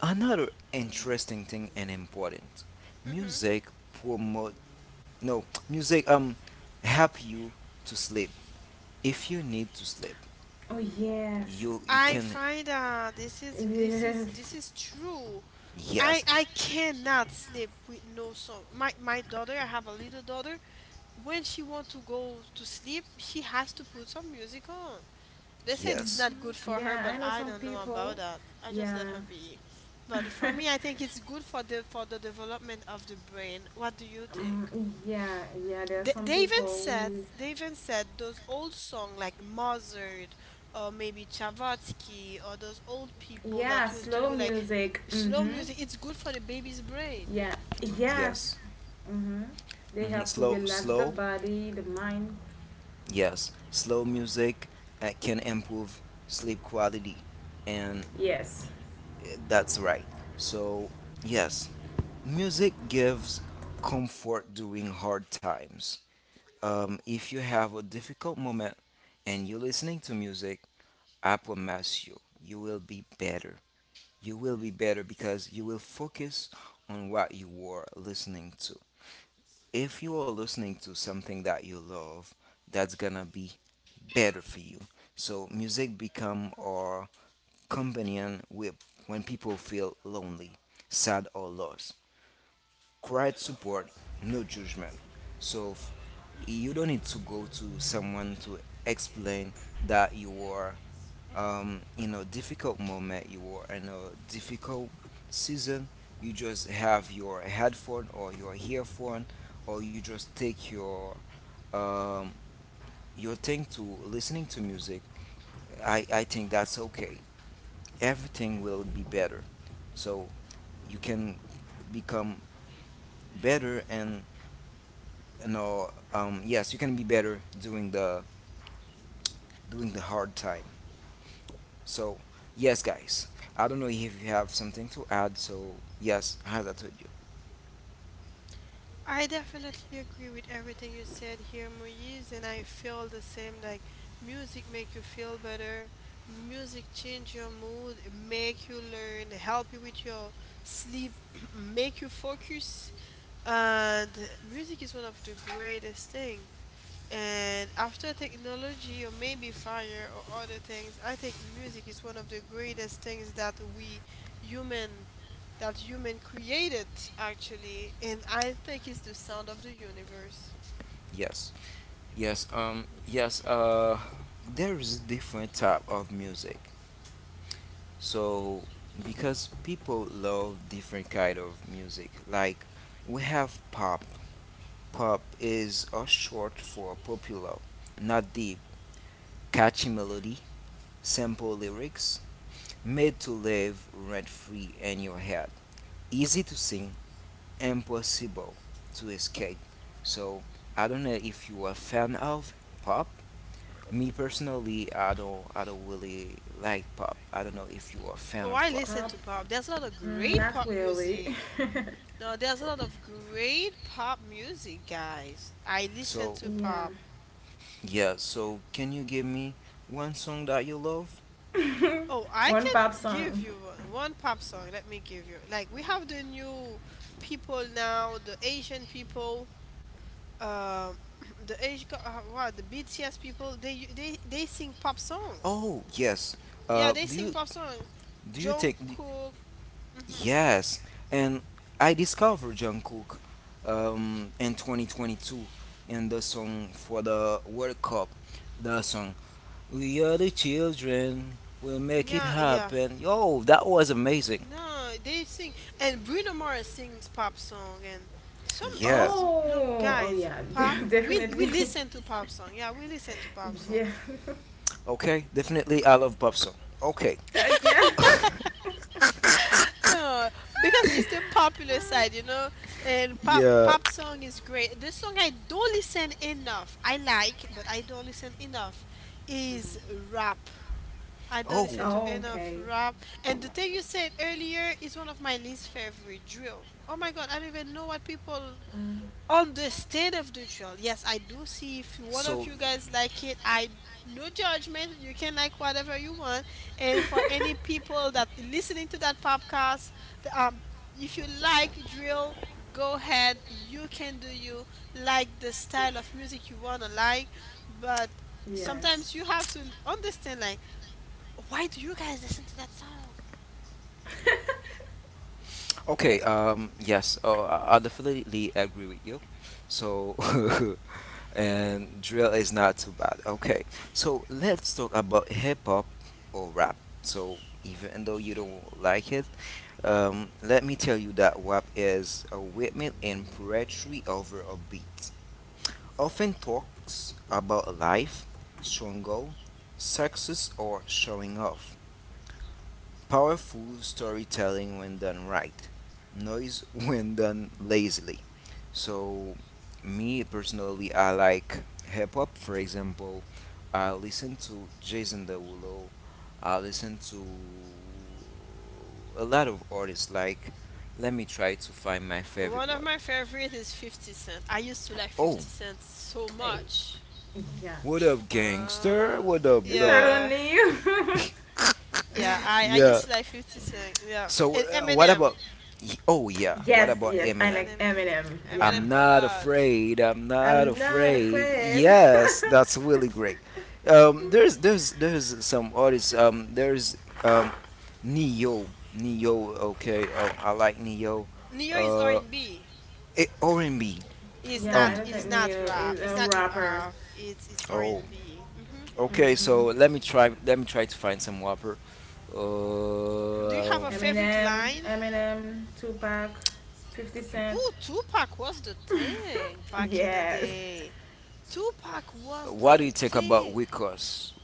[SPEAKER 2] another interesting thing and important,
[SPEAKER 1] hmm
[SPEAKER 2] music promote. No, music help you to sleep. If you need to sleep,
[SPEAKER 3] Oh yes,
[SPEAKER 2] you
[SPEAKER 1] I
[SPEAKER 2] can.
[SPEAKER 1] find
[SPEAKER 3] yes.
[SPEAKER 1] this is true. I
[SPEAKER 2] Yes,
[SPEAKER 1] I cannot sleep with no song. My daughter, I have a little daughter. When she want to go to sleep, she has to put some music on. They said it's
[SPEAKER 2] yes,
[SPEAKER 1] not good for her,
[SPEAKER 3] Yeah,
[SPEAKER 1] but
[SPEAKER 3] I know
[SPEAKER 1] I
[SPEAKER 3] some
[SPEAKER 1] don't know
[SPEAKER 3] people.
[SPEAKER 1] about that. I just let
[SPEAKER 3] Yeah,
[SPEAKER 1] her be. But for me, I think it's good for the development of the brain. What do you think?
[SPEAKER 3] um, yeah, yeah. There are some people. Who,
[SPEAKER 1] They even said those old songs like Mozart, or maybe Chavatsky, or those old people
[SPEAKER 3] yeah,
[SPEAKER 1] that used to
[SPEAKER 3] slow
[SPEAKER 1] do, like,
[SPEAKER 3] music.
[SPEAKER 1] slow
[SPEAKER 3] Mhm.
[SPEAKER 1] music. It's good for the baby's brain.
[SPEAKER 3] Yeah. Yes.
[SPEAKER 2] yes.
[SPEAKER 3] Mhm. They
[SPEAKER 2] hmm
[SPEAKER 3] help to
[SPEAKER 2] Slow,
[SPEAKER 3] relax the
[SPEAKER 2] slow,
[SPEAKER 3] body, the mind.
[SPEAKER 2] yes, slow music can improve sleep quality, and
[SPEAKER 3] Yes.
[SPEAKER 2] that's right. So, yes, music gives comfort during hard times. If you have a difficult moment and you're listening to music, I promise you, you will be better. You will be better because you will focus on what you were listening to. If you are listening to something that you love, that's gonna be better for you. So music become our companion with when people feel lonely, sad or lost. Quiet support, no judgment. So you don't need to go to someone to explain that you are in a difficult moment, you are in a difficult season. You just have your headphone or your earphone, or you just take um, your thing to listening to music. I think that's okay. Everything will be better. So you can become better and yes you can be better during the hard time. So yes guys, I don't know if you have something to add. So yes, as I told you,
[SPEAKER 1] I definitely agree with everything you said here, Moise, and I feel the same. Like, music make you feel better. Music change your mood, make you learn, help you with your sleep, make you focus. And music is one of the greatest things. And after technology or maybe fire or other things, I think music is one of the greatest things that we human that human created, actually, and I think it's the sound of the universe.
[SPEAKER 2] yes, yes, yes. There is different type of music. So because people love different kind of music, like we have pop. Pop is short for popular, not deep, catchy melody, simple lyrics, made to live rent free in your head. Easy to sing, impossible to escape. So I don't know if you are a fan of pop. Me personally, I don't really like pop. I don't know if you are a fan
[SPEAKER 1] Oh,
[SPEAKER 2] of
[SPEAKER 1] I
[SPEAKER 2] pop.
[SPEAKER 1] listen
[SPEAKER 3] Pop?
[SPEAKER 1] to pop. There's a lot of
[SPEAKER 3] Mm,
[SPEAKER 1] great
[SPEAKER 3] not
[SPEAKER 1] pop
[SPEAKER 3] really.
[SPEAKER 1] music. No, there's a lot of great pop music, guys. I listen
[SPEAKER 2] So
[SPEAKER 1] to
[SPEAKER 3] yeah.
[SPEAKER 1] pop.
[SPEAKER 2] yeah, so can you give me one song that you love?
[SPEAKER 1] Oh, I
[SPEAKER 3] One
[SPEAKER 1] can
[SPEAKER 3] pop
[SPEAKER 1] give
[SPEAKER 3] song.
[SPEAKER 1] you one pop song. Let me give you. Like, we have the new people now, the Asian people. um what the BTS people they sing pop song.
[SPEAKER 2] Oh yes. Uh,
[SPEAKER 1] Yeah, they
[SPEAKER 2] do
[SPEAKER 1] sing
[SPEAKER 2] you
[SPEAKER 1] pop song.
[SPEAKER 2] do you think
[SPEAKER 1] Jungkook. Mhm.
[SPEAKER 2] yes, and I discovered Jungkook in 2022 in the song for the World Cup, the song "We Are the Children, We'll Make It
[SPEAKER 1] Yeah, yeah.
[SPEAKER 2] Happen." Yo, that was amazing.
[SPEAKER 1] No, they sing, and Bruno Mars sings pop song, and some it has.
[SPEAKER 2] Yes.
[SPEAKER 1] Look,
[SPEAKER 3] Oh, oh
[SPEAKER 1] guys,
[SPEAKER 3] yeah,
[SPEAKER 1] pop, we
[SPEAKER 3] definitely.
[SPEAKER 1] listen to pop song. Yeah, we listen to pop song.
[SPEAKER 3] yeah,
[SPEAKER 2] Okay, definitely I love pop song. Okay.
[SPEAKER 3] Yeah.
[SPEAKER 1] No, because it's the popular side, and pop
[SPEAKER 2] Yeah.
[SPEAKER 1] pop song is great. The song I don't listen enough, I like, but I don't listen enough, is rap. I don't
[SPEAKER 2] Oh.
[SPEAKER 1] listen to
[SPEAKER 3] Oh,
[SPEAKER 1] enough
[SPEAKER 3] okay.
[SPEAKER 1] rap. And the thing you said earlier is one of my least favorite, drill. Oh my God, I don't even know what people on the state of the drill. Yes, I do see. If one
[SPEAKER 2] So
[SPEAKER 1] of you guys like it, I no judgment, you can like whatever you want. And for any people that listening to that podcast, the, um if you like drill, go ahead, you can do you, like the style of music you want to like. But
[SPEAKER 3] Yes.
[SPEAKER 1] sometimes you have to understand, like, why do you guys listen to that song?
[SPEAKER 2] okay, yes, I definitely agree with you. So, and drill is not too bad. Okay, so let's talk about hip hop or rap. So, even though you don't like it, let me tell you that rap is a movement and poetry over a beat. Often talks about life, struggle, success, or showing off. Powerful storytelling when done right, noise when done lazily. So, me personally, I like hip hop. For example, I listen to Jason Derulo. I listen to a lot of artists. Like, let me try to find my favorite
[SPEAKER 1] One of
[SPEAKER 2] one.
[SPEAKER 1] my favorite is 50 Cent. I used to like
[SPEAKER 2] Oh,
[SPEAKER 1] 50 Cent so
[SPEAKER 3] I,
[SPEAKER 1] much.
[SPEAKER 3] yeah.
[SPEAKER 2] what up, gangster?
[SPEAKER 1] Uh,
[SPEAKER 2] What up,
[SPEAKER 3] It's not
[SPEAKER 2] dog?
[SPEAKER 1] yeah,
[SPEAKER 3] only you.
[SPEAKER 1] yeah. I
[SPEAKER 2] Yeah.
[SPEAKER 1] used to like 50 Cent. Yeah,
[SPEAKER 2] So,
[SPEAKER 1] and
[SPEAKER 2] what
[SPEAKER 1] Eminem
[SPEAKER 2] about? Oh yeah. What
[SPEAKER 3] yes,
[SPEAKER 2] about
[SPEAKER 3] yes. I
[SPEAKER 2] Eminem?
[SPEAKER 1] and
[SPEAKER 3] like
[SPEAKER 1] Eminem.
[SPEAKER 3] Eminem. Yeah.
[SPEAKER 1] Eminem
[SPEAKER 2] I'm
[SPEAKER 1] a
[SPEAKER 2] not
[SPEAKER 1] lot.
[SPEAKER 2] afraid. I'm not
[SPEAKER 3] I'm not
[SPEAKER 2] afraid.
[SPEAKER 3] afraid.
[SPEAKER 2] Yes, that's really great. Um,
[SPEAKER 1] Mhm.
[SPEAKER 2] there's there's there's some artists. Um, there's um Neo. Okay. I like Neo.
[SPEAKER 1] Neo is R
[SPEAKER 2] Uh,
[SPEAKER 1] and B.
[SPEAKER 2] R&B.
[SPEAKER 1] It's
[SPEAKER 3] yeah, I
[SPEAKER 1] not.
[SPEAKER 2] Um.
[SPEAKER 3] don't think
[SPEAKER 1] It's not
[SPEAKER 3] Neo
[SPEAKER 1] rap.
[SPEAKER 3] is
[SPEAKER 1] It's
[SPEAKER 3] a
[SPEAKER 1] not hip
[SPEAKER 3] rapper.
[SPEAKER 1] hop. It's R
[SPEAKER 2] Oh.
[SPEAKER 1] and B. Mhm.
[SPEAKER 2] Okay.
[SPEAKER 3] Mm-hmm.
[SPEAKER 2] So let me try. Let me try to find some whopper.
[SPEAKER 1] Do you have
[SPEAKER 2] Uh,
[SPEAKER 1] a
[SPEAKER 2] um,
[SPEAKER 1] favorite
[SPEAKER 3] Eminem,
[SPEAKER 1] line?
[SPEAKER 3] Eminem, Tupac, 50 Cent.
[SPEAKER 1] Ooh, Tupac was the thing back in the
[SPEAKER 3] Yes.
[SPEAKER 1] day. Tupac was
[SPEAKER 2] what
[SPEAKER 1] the
[SPEAKER 2] do you think about
[SPEAKER 1] thing.
[SPEAKER 2] Wicos?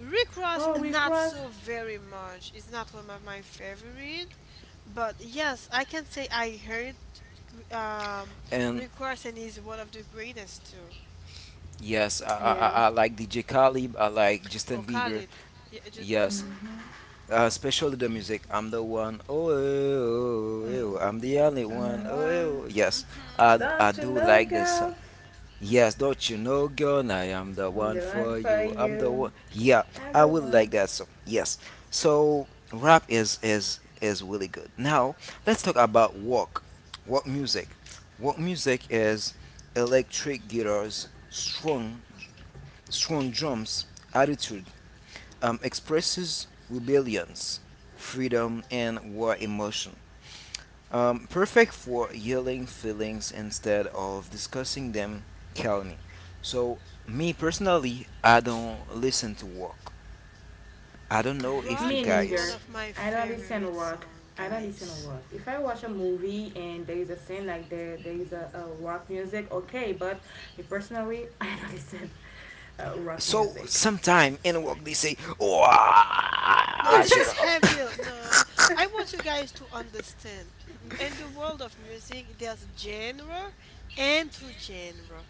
[SPEAKER 1] Rick Ross,
[SPEAKER 3] Oh, we
[SPEAKER 1] not
[SPEAKER 3] cross.
[SPEAKER 1] so very much. It's not one of my favorite, but yes, I can say I heard um,
[SPEAKER 2] And
[SPEAKER 1] Rick Ross, and he's one of the greatest too.
[SPEAKER 2] yes, I, I I
[SPEAKER 3] Yes.
[SPEAKER 2] I like DJ Khaled. I like
[SPEAKER 1] Oh,
[SPEAKER 2] Justin Bieber.
[SPEAKER 1] Khalid. Yeah, just,
[SPEAKER 2] Yes.
[SPEAKER 1] mm-hmm,
[SPEAKER 3] Mm-hmm.
[SPEAKER 2] Especially the music. I'm the one. Oh, oh, oh,
[SPEAKER 3] Mm.
[SPEAKER 2] oh, I'm the only
[SPEAKER 3] I'm
[SPEAKER 2] one.
[SPEAKER 3] not
[SPEAKER 2] Oh,
[SPEAKER 3] one.
[SPEAKER 2] oh. Yes.
[SPEAKER 1] mm-hmm.
[SPEAKER 2] I
[SPEAKER 3] Don't you
[SPEAKER 2] do
[SPEAKER 3] know,
[SPEAKER 2] like this song.
[SPEAKER 3] girl?
[SPEAKER 2] Yes, don't you know, girl? I am the
[SPEAKER 3] I'm
[SPEAKER 2] one
[SPEAKER 3] the one
[SPEAKER 2] for
[SPEAKER 3] for
[SPEAKER 2] you. I'm the
[SPEAKER 3] you.
[SPEAKER 2] one. Yeah,
[SPEAKER 3] I'm
[SPEAKER 2] I
[SPEAKER 3] the
[SPEAKER 2] would like
[SPEAKER 3] one.
[SPEAKER 2] that song. Yes. So rap is really good. Now let's talk about walk. Walk music. Walk music is electric guitars, strong drums, attitude expresses rebellions, freedom, and war emotion. Perfect for yelling feelings instead of discussing them calmly. So, me personally, I don't listen to walk. I don't know if you
[SPEAKER 1] Rock
[SPEAKER 3] Me
[SPEAKER 1] is one
[SPEAKER 3] neither.
[SPEAKER 2] guys.
[SPEAKER 1] of my
[SPEAKER 3] I don't listen to
[SPEAKER 1] favorite
[SPEAKER 3] rock.
[SPEAKER 1] song,
[SPEAKER 3] I don't listen to
[SPEAKER 1] guys.
[SPEAKER 3] rock. If I watch a movie and there is a scene like there is a rock music, okay. But me personally, I don't listen rock
[SPEAKER 2] So,
[SPEAKER 3] music.
[SPEAKER 2] sometime in walk they say, "Oh,
[SPEAKER 1] No,
[SPEAKER 2] ah,
[SPEAKER 1] this is
[SPEAKER 2] shut up."
[SPEAKER 1] heavy. No, I want you guys to understand. In the world of music, there's genre and to genre,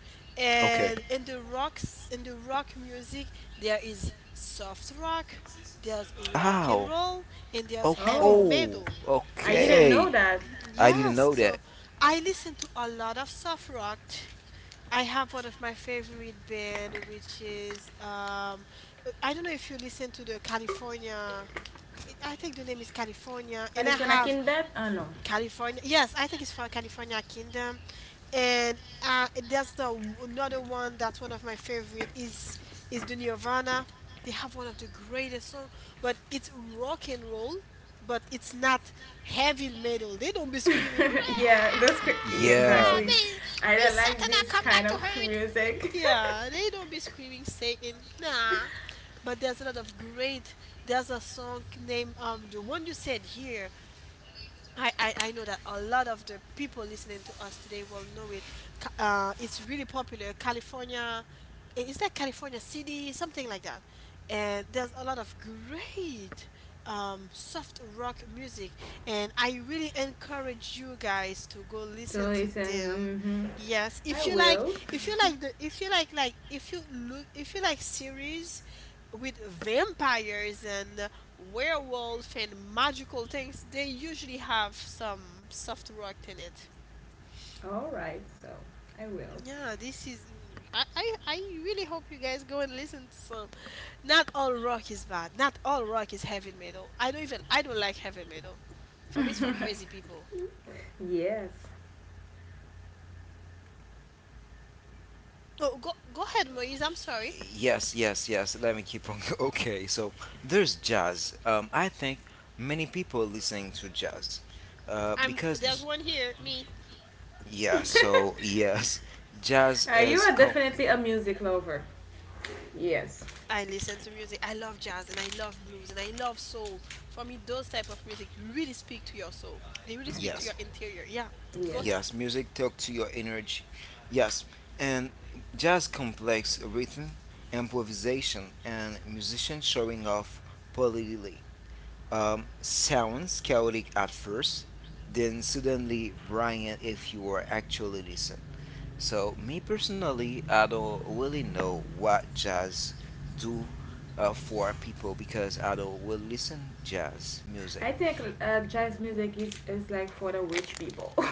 [SPEAKER 2] Okay.
[SPEAKER 1] and in the rock music, there is soft rock, there's rock and
[SPEAKER 2] Ow.
[SPEAKER 1] roll, and there's
[SPEAKER 2] Okay.
[SPEAKER 1] heavy
[SPEAKER 3] Oh,
[SPEAKER 2] Oh,
[SPEAKER 1] metal.
[SPEAKER 3] I didn't
[SPEAKER 1] So
[SPEAKER 3] know
[SPEAKER 2] okay.
[SPEAKER 3] that.
[SPEAKER 2] I didn't
[SPEAKER 1] Yes,
[SPEAKER 2] know
[SPEAKER 1] so
[SPEAKER 2] that.
[SPEAKER 1] I listen to a lot of soft rock. I have one of my favorite band, which is I don't know if you listen to the California. I think the name is California, and I
[SPEAKER 3] California
[SPEAKER 1] have
[SPEAKER 3] Kinbet? Oh no.
[SPEAKER 1] California. Yes, I think it's for California Kingdom. And there's another one that's one of my favorite is the Nirvana. They have one of the greatest song, but it's rock and roll, but it's not heavy metal. They don't be screaming,
[SPEAKER 3] yeah,
[SPEAKER 1] "Rah!
[SPEAKER 3] yeah,
[SPEAKER 2] Yeah.
[SPEAKER 3] exactly.
[SPEAKER 1] May,
[SPEAKER 3] I
[SPEAKER 1] may
[SPEAKER 3] don't like
[SPEAKER 1] Satana
[SPEAKER 3] this
[SPEAKER 1] come
[SPEAKER 3] kind
[SPEAKER 1] back to
[SPEAKER 3] of
[SPEAKER 1] hurt."
[SPEAKER 3] music
[SPEAKER 1] Yeah, they don't be screaming Satan. Nah. But there's a lot of great, there's a song named, the one you said here. I know that a lot of the people listening to us today will know it. It's really popular. California, is that California City? Something like that. And there's a lot of great soft rock music. And I really encourage you guys to go
[SPEAKER 3] to
[SPEAKER 1] listen to them.
[SPEAKER 3] listen. Hmm
[SPEAKER 1] Yes,
[SPEAKER 3] I will.
[SPEAKER 1] if you like, if you look, if you like series with vampires and werewolf and magical things, they usually have some soft rock in it.
[SPEAKER 3] All right, so I will.
[SPEAKER 1] Yeah, this is. I really hope you guys go and listen to some. Not all rock is bad. Not all rock is heavy metal. I don't even. I don't like heavy metal. For me, it's for crazy people.
[SPEAKER 3] Yes.
[SPEAKER 1] Oh, go ahead, Moise. I'm sorry.
[SPEAKER 2] Yes, yes, yes. Let me keep on. Okay, so there's jazz. I think many people listening to jazz, uh,
[SPEAKER 1] I'm
[SPEAKER 2] because
[SPEAKER 1] There's one
[SPEAKER 2] j-
[SPEAKER 1] here. Me.
[SPEAKER 2] yeah. So yes, jazz
[SPEAKER 3] You
[SPEAKER 2] is
[SPEAKER 3] are
[SPEAKER 2] com-
[SPEAKER 3] definitely a music lover. Yes.
[SPEAKER 1] I listen to music. I love jazz and I love blues and I love soul. For me, those type of music really speak to your soul. They really speak
[SPEAKER 3] Okay,
[SPEAKER 1] to
[SPEAKER 2] yes,
[SPEAKER 1] your interior. Yeah, go
[SPEAKER 3] yes.
[SPEAKER 1] ahead.
[SPEAKER 2] yes. Music talk to your energy. Yes, and jazz complex rhythm, improvisation, and musician showing off politely. Sounds chaotic at first, then suddenly brilliant if you are actually listen. So me personally, I don't really know what jazz do for people because I don't really listen jazz music.
[SPEAKER 3] I think jazz music is like for the rich people.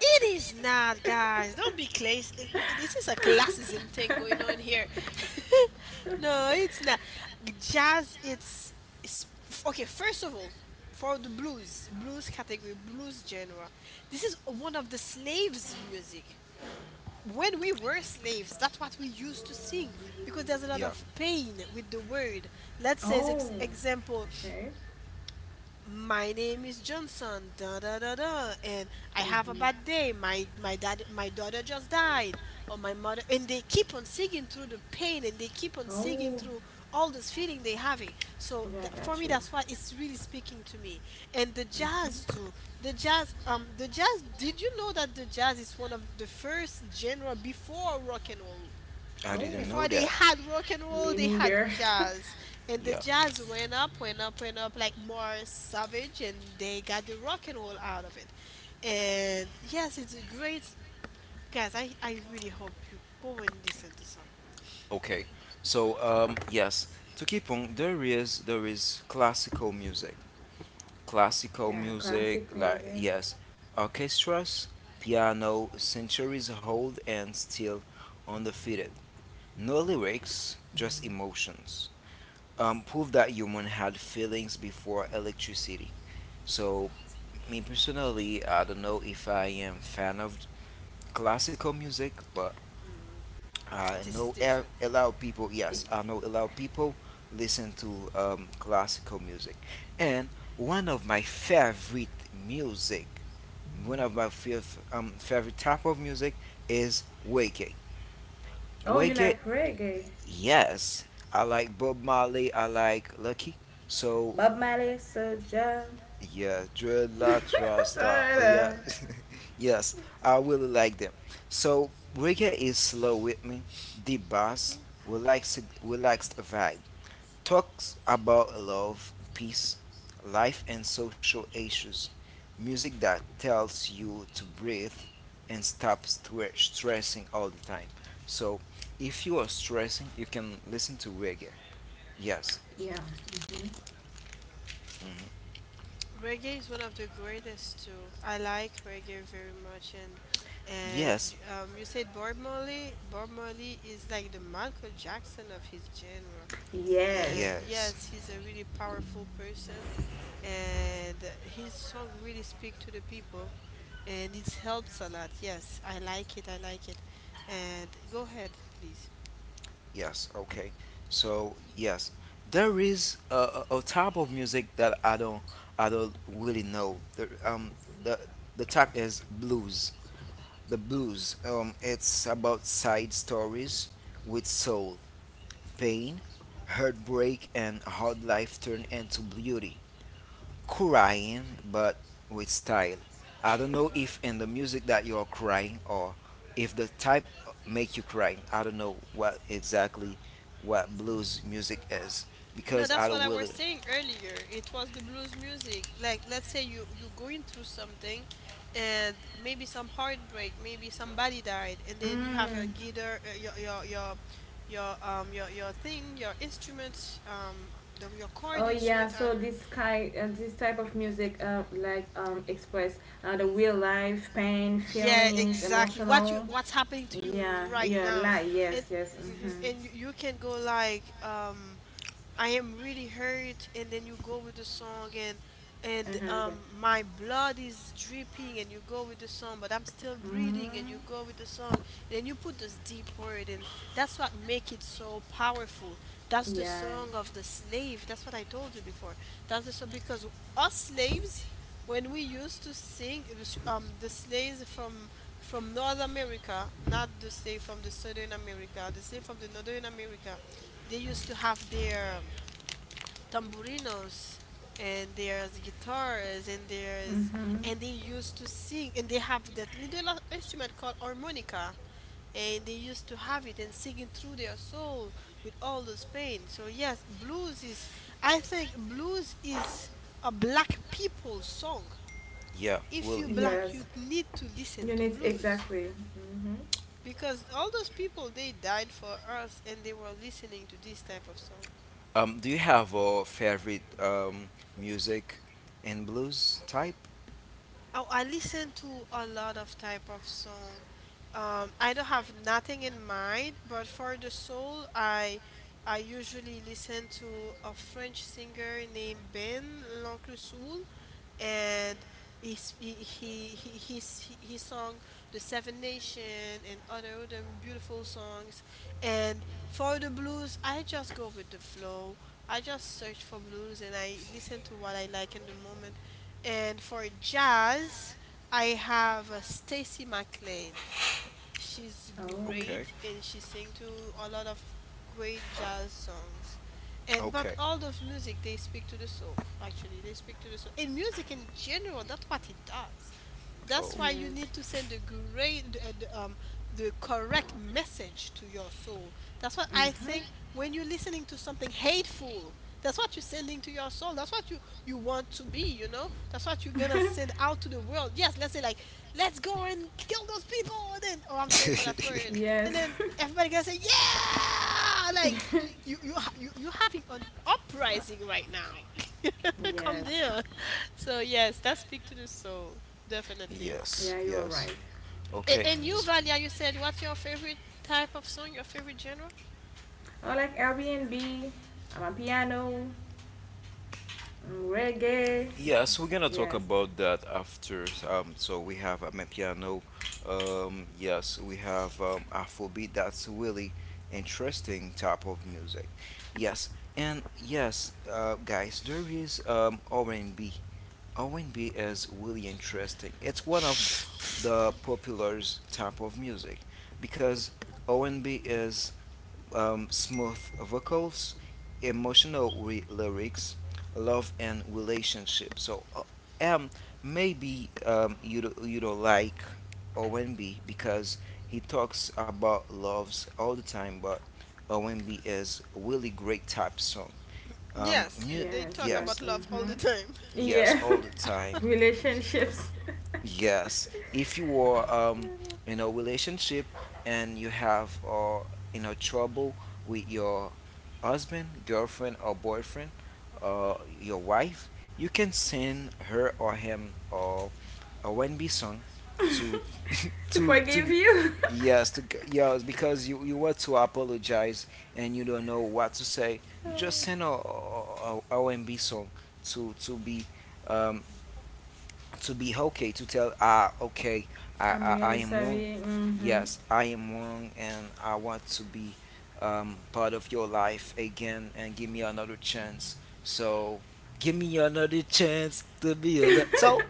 [SPEAKER 1] It is not, guys. Don't be class. This is a classism thing going on here. No, it's not. Jazz. It's okay. First of all, for the blues, blues category, blues genre, this is one of the slaves' music. When we were slaves, that's what we used to sing, because there's a lot
[SPEAKER 2] Yeah,
[SPEAKER 1] of pain with the word. Let's say,
[SPEAKER 3] Oh,
[SPEAKER 1] example,
[SPEAKER 3] okay.
[SPEAKER 1] my name is Johnson, da da da da, and I have a
[SPEAKER 3] Mm-hmm.
[SPEAKER 1] bad day. My dad, my daughter just died, or my mother, and they keep on singing through the pain, and they keep on singing
[SPEAKER 3] oh,
[SPEAKER 1] through all this feeling they having. So
[SPEAKER 3] Yeah,
[SPEAKER 1] that,
[SPEAKER 3] I
[SPEAKER 1] for
[SPEAKER 3] got
[SPEAKER 1] me,
[SPEAKER 3] you.
[SPEAKER 1] that's why it's really speaking to me. And the
[SPEAKER 3] Mm-hmm.
[SPEAKER 1] jazz too. The jazz, the jazz. Did you know that the jazz is one of the first genre before rock and roll?
[SPEAKER 2] I didn't
[SPEAKER 3] oh.
[SPEAKER 1] Before
[SPEAKER 2] know
[SPEAKER 1] they
[SPEAKER 2] that.
[SPEAKER 1] had rock and roll,
[SPEAKER 3] Me
[SPEAKER 1] they had
[SPEAKER 3] neither.
[SPEAKER 1] jazz. And the
[SPEAKER 2] Yeah.
[SPEAKER 1] jazz went up, went up, went up, like more savage, and they got the rock and roll out of it. And yes, it's a great, guys, I, really hope you go and listen to some.
[SPEAKER 2] Okay. So yes, to keep on there is classical music. Classical
[SPEAKER 3] Yeah,
[SPEAKER 2] music
[SPEAKER 3] classic
[SPEAKER 2] like
[SPEAKER 3] music.
[SPEAKER 2] yes, orchestras, piano, centuries hold and still undefeated. No lyrics, just emotions. Prove that human had feelings before electricity. So me personally, I don't know if I am fan of classical music, but
[SPEAKER 1] Mm,
[SPEAKER 2] I
[SPEAKER 1] this
[SPEAKER 2] know
[SPEAKER 1] is
[SPEAKER 2] a
[SPEAKER 1] different.
[SPEAKER 2] a lot of people.
[SPEAKER 3] Y-
[SPEAKER 2] Yes, I know a lot of people listen to classical music, and one of my favorite music, one of my fav- favorite type of music is reggae.
[SPEAKER 3] Oh, you
[SPEAKER 2] Reggae,
[SPEAKER 3] like reggae?
[SPEAKER 2] yes, I like Bob Marley. I like Lucky. So
[SPEAKER 3] Bob Marley, Soulja.
[SPEAKER 2] yeah, dreadlocks rasta. Oh yeah,
[SPEAKER 3] Yeah.
[SPEAKER 2] yes, I really like them. So reggae is slow with me, deep bass, relaxed vibe. Talks about love, peace, life, and social issues. Music that tells you to breathe and stop stressing all the time. So if you are stressing, you can listen to reggae. Yes,
[SPEAKER 3] Mm-hmm.
[SPEAKER 1] Reggae is one of the greatest too. I like reggae very much, and and
[SPEAKER 2] yes,
[SPEAKER 1] um, you said Bob Marley. Bob Marley is like the Michael Jackson of his genre. And
[SPEAKER 3] Yes.
[SPEAKER 2] yes.
[SPEAKER 1] yes, he's a really powerful person, and his song really speak to the people, and it helps a lot. Yes, I like it. I like it. And go ahead, please.
[SPEAKER 2] Yes, okay. So, yes, there is a type of music that I don't really know. The the type is blues. The blues it's about side stories with soul, pain, heartbreak and hard life turned into beauty crying but with style. I don't know if in the music that you are crying or if the type make you crying. I don't know what exactly what blues music is
[SPEAKER 1] No,
[SPEAKER 2] because
[SPEAKER 1] that's
[SPEAKER 2] I
[SPEAKER 1] what
[SPEAKER 2] don't
[SPEAKER 1] I was
[SPEAKER 2] really
[SPEAKER 1] saying earlier. It was the blues music. Like, let's say you going through something, and maybe some heartbreak, maybe somebody died, and then you have your
[SPEAKER 3] Mm.
[SPEAKER 1] guitar, your thing, your instrument, your chord
[SPEAKER 3] Oh yeah,
[SPEAKER 1] instrument are.
[SPEAKER 3] so this kind, this type of music, like express the real life pain,
[SPEAKER 1] Yeah,
[SPEAKER 3] feelings,
[SPEAKER 1] exactly. What you
[SPEAKER 3] emotional.
[SPEAKER 1] what's happening to you
[SPEAKER 3] Yeah,
[SPEAKER 1] right
[SPEAKER 3] yeah,
[SPEAKER 1] now.
[SPEAKER 3] like
[SPEAKER 1] And,
[SPEAKER 3] yes, yes.
[SPEAKER 1] mhm,
[SPEAKER 3] Mhm,
[SPEAKER 1] and you can go like, I am really hurt, and then you go with the song, and
[SPEAKER 3] mhm.
[SPEAKER 1] my blood is dripping, and you go with the song, but I'm still breathing, and
[SPEAKER 3] Mhm.
[SPEAKER 1] you go with the song, and then you put this deep word, and that's what make it so powerful. That's the
[SPEAKER 3] Yeah.
[SPEAKER 1] song of the slave. That's what I told you before. That's the song, because us slaves, when we used to sing, it was, the slaves from North America, not the slave from the Southern America, the slave from the Northern America. They used to have their tamburinos, and there's guitars,
[SPEAKER 3] Mhm.
[SPEAKER 1] and they used to sing, and they have that little instrument called harmonica, and they used to have it and singing through their soul with all this pain. So yes, blues is I think blues is a black people's song.
[SPEAKER 2] yeah,
[SPEAKER 1] If you
[SPEAKER 2] really.
[SPEAKER 1] black, you
[SPEAKER 3] Yes.
[SPEAKER 1] need to listen
[SPEAKER 3] You
[SPEAKER 1] to
[SPEAKER 3] need
[SPEAKER 1] blues,
[SPEAKER 3] exactly. Mhm.
[SPEAKER 1] because all those people, they died for us, and they were listening to this type of song.
[SPEAKER 2] Do you have a favorite music in blues type?
[SPEAKER 1] Oh, I listen to a lot of type of song. I don't have nothing in mind, but for the soul, I usually listen to a French singer named Ben L'Oncle Soul, and he's, he he's, he sung the Seven Nation and other beautiful songs. And for the blues, I just go with the flow. I just search for blues and I listen to what I like in the moment, and for jazz, I have Stacy McLean. She's
[SPEAKER 3] Oh.
[SPEAKER 2] Okay.
[SPEAKER 1] great and she sings to a lot of great jazz songs. And but
[SPEAKER 2] Okay.
[SPEAKER 1] all of music they speak to the soul. Actually, they speak to the soul. In music in general, that's what it does. That's
[SPEAKER 2] Oh.
[SPEAKER 1] why you
[SPEAKER 3] Yes.
[SPEAKER 1] need to send the great, the correct message to your soul. That's what I
[SPEAKER 3] Mhm.
[SPEAKER 1] think. When you're listening to something hateful, that's what you're sending to your soul. That's what you want to be, you know? That's what you're gonna send out to the world. Yes, let's say, like, let's go and kill those people, and then, oh, I'm sorry for that word. And
[SPEAKER 3] Yes.
[SPEAKER 1] then everybody gonna say, "Yeah, like, you're having an uprising right now." Come
[SPEAKER 3] yes.
[SPEAKER 1] there. So yes, that speak to the soul, definitely.
[SPEAKER 2] Yes,
[SPEAKER 3] Yeah, you are
[SPEAKER 2] yes.
[SPEAKER 3] right.
[SPEAKER 2] Okay.
[SPEAKER 1] And
[SPEAKER 3] I agree.
[SPEAKER 1] you, Valia, you said what's your favorite type of song, your favorite genre?
[SPEAKER 3] Oh, like Airbnb, I'm a piano, mm, reggae.
[SPEAKER 2] Yes, we're gonna talk
[SPEAKER 3] Yes.
[SPEAKER 2] about that after. So we have piano. Yes, we have Afrobeat. That's really interesting type of music. Yes, and yes, guys, there is R&B. R&B is really interesting. It's one of the popular type of music because R&B is smooth vocals, lyrics, love and relationship. So um, maybe you don't like OMB because he talks about loves all the time, but OMB is a really great type song. Um,
[SPEAKER 1] Yes,
[SPEAKER 2] mu-
[SPEAKER 1] they
[SPEAKER 3] Yes,
[SPEAKER 1] talk
[SPEAKER 3] yes,
[SPEAKER 1] about
[SPEAKER 2] yes,
[SPEAKER 1] love all
[SPEAKER 3] mm-hmm.
[SPEAKER 1] the time.
[SPEAKER 2] yes,
[SPEAKER 3] Yeah,
[SPEAKER 2] all the time.
[SPEAKER 3] relationships
[SPEAKER 2] Yes, if you are in a relationship and you have or you know trouble with your husband, girlfriend, or boyfriend, or your wife, you can send her or him or a WNB song to
[SPEAKER 3] to
[SPEAKER 2] to
[SPEAKER 3] forgive
[SPEAKER 2] to
[SPEAKER 3] you.
[SPEAKER 2] yes to yes because you want to apologize and you don't know what to say. Just send a R and B song to to be um, to be okay to tell ah okay
[SPEAKER 3] I'm
[SPEAKER 2] I
[SPEAKER 3] really
[SPEAKER 2] am wrong.
[SPEAKER 3] sorry. Mm-hmm.
[SPEAKER 2] Yes, I am wrong, and I want to be part of your life again and give me another chance. So, give me another chance to be a. So,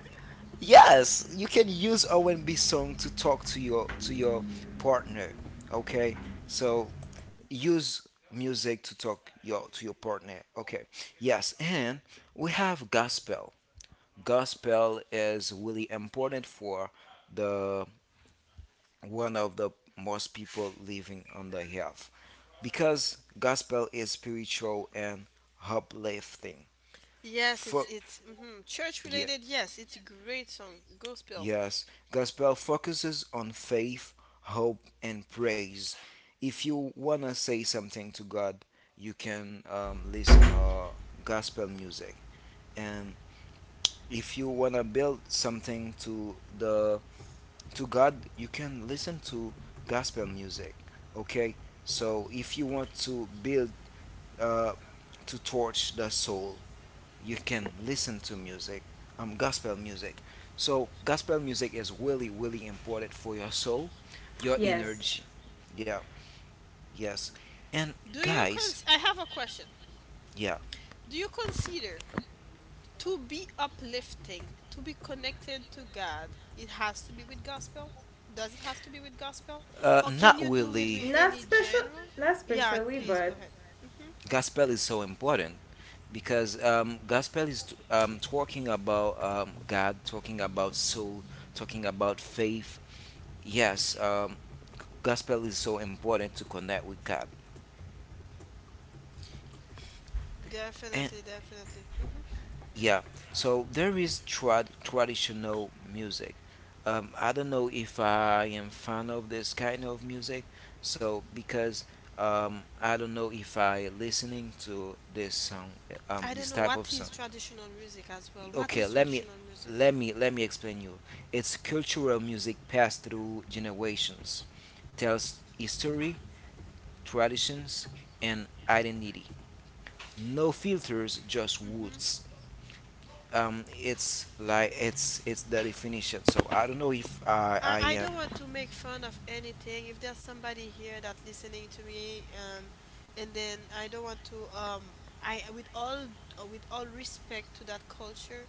[SPEAKER 2] yes, you can use R&B song to talk to your partner. Okay, so use music to talk your to your partner. Okay, yes, and we have gospel. Gospel is really important for the one of the most people living on the earth because gospel is spiritual and uplifting.
[SPEAKER 1] Yes,
[SPEAKER 2] Fo-
[SPEAKER 1] it's church
[SPEAKER 2] yeah,
[SPEAKER 1] related. Yes, it's a great song, gospel.
[SPEAKER 2] yes, gospel focuses on faith, hope, and praise. If you wanna say something to God, you can listen gospel music, and if you wanna build something to the to God, you can listen to gospel music. Okay, so if you want to build uh, to torch the soul, you can listen to music, gospel music. So gospel music is really, really important for your soul, your
[SPEAKER 3] Yes,
[SPEAKER 2] energy. Yeah, yes, and
[SPEAKER 1] Do you
[SPEAKER 2] guys,
[SPEAKER 1] cons? I have a question.
[SPEAKER 2] yeah,
[SPEAKER 1] Do you consider, to be uplifting, to be connected to God, it has to be with gospel? Does it has to be with gospel, or can
[SPEAKER 2] not
[SPEAKER 1] you do it
[SPEAKER 2] really.
[SPEAKER 1] with
[SPEAKER 3] not
[SPEAKER 1] any
[SPEAKER 3] special,
[SPEAKER 1] genre?
[SPEAKER 3] not
[SPEAKER 1] Yeah,
[SPEAKER 3] specially,
[SPEAKER 1] please go
[SPEAKER 3] but
[SPEAKER 1] ahead. Hmm.
[SPEAKER 2] Gospel is so important because talking about God, talking about soul, talking about faith. Yes, gospel is so important to connect with God. And
[SPEAKER 1] Definitely, definitely. Mhm.
[SPEAKER 2] yeah, so there is traditional music. I don't know if I am fan of this kind of music, so because I don't know if I listening to this song,
[SPEAKER 1] I don't
[SPEAKER 2] this
[SPEAKER 1] know
[SPEAKER 2] type of
[SPEAKER 1] what is
[SPEAKER 2] song.
[SPEAKER 1] traditional music as well. What
[SPEAKER 2] Okay
[SPEAKER 1] is
[SPEAKER 2] let me
[SPEAKER 1] traditional music?
[SPEAKER 2] let me explain you it's cultural music passed through generations tells history traditions and identity no filters just
[SPEAKER 1] Mm-hmm.
[SPEAKER 2] roots it's like it's the definition so I don't know if
[SPEAKER 1] I,
[SPEAKER 2] I
[SPEAKER 1] I
[SPEAKER 2] am
[SPEAKER 1] don't want to make fun of anything. If there's somebody here that listening to me, and then I don't want to, I with all respect to that culture,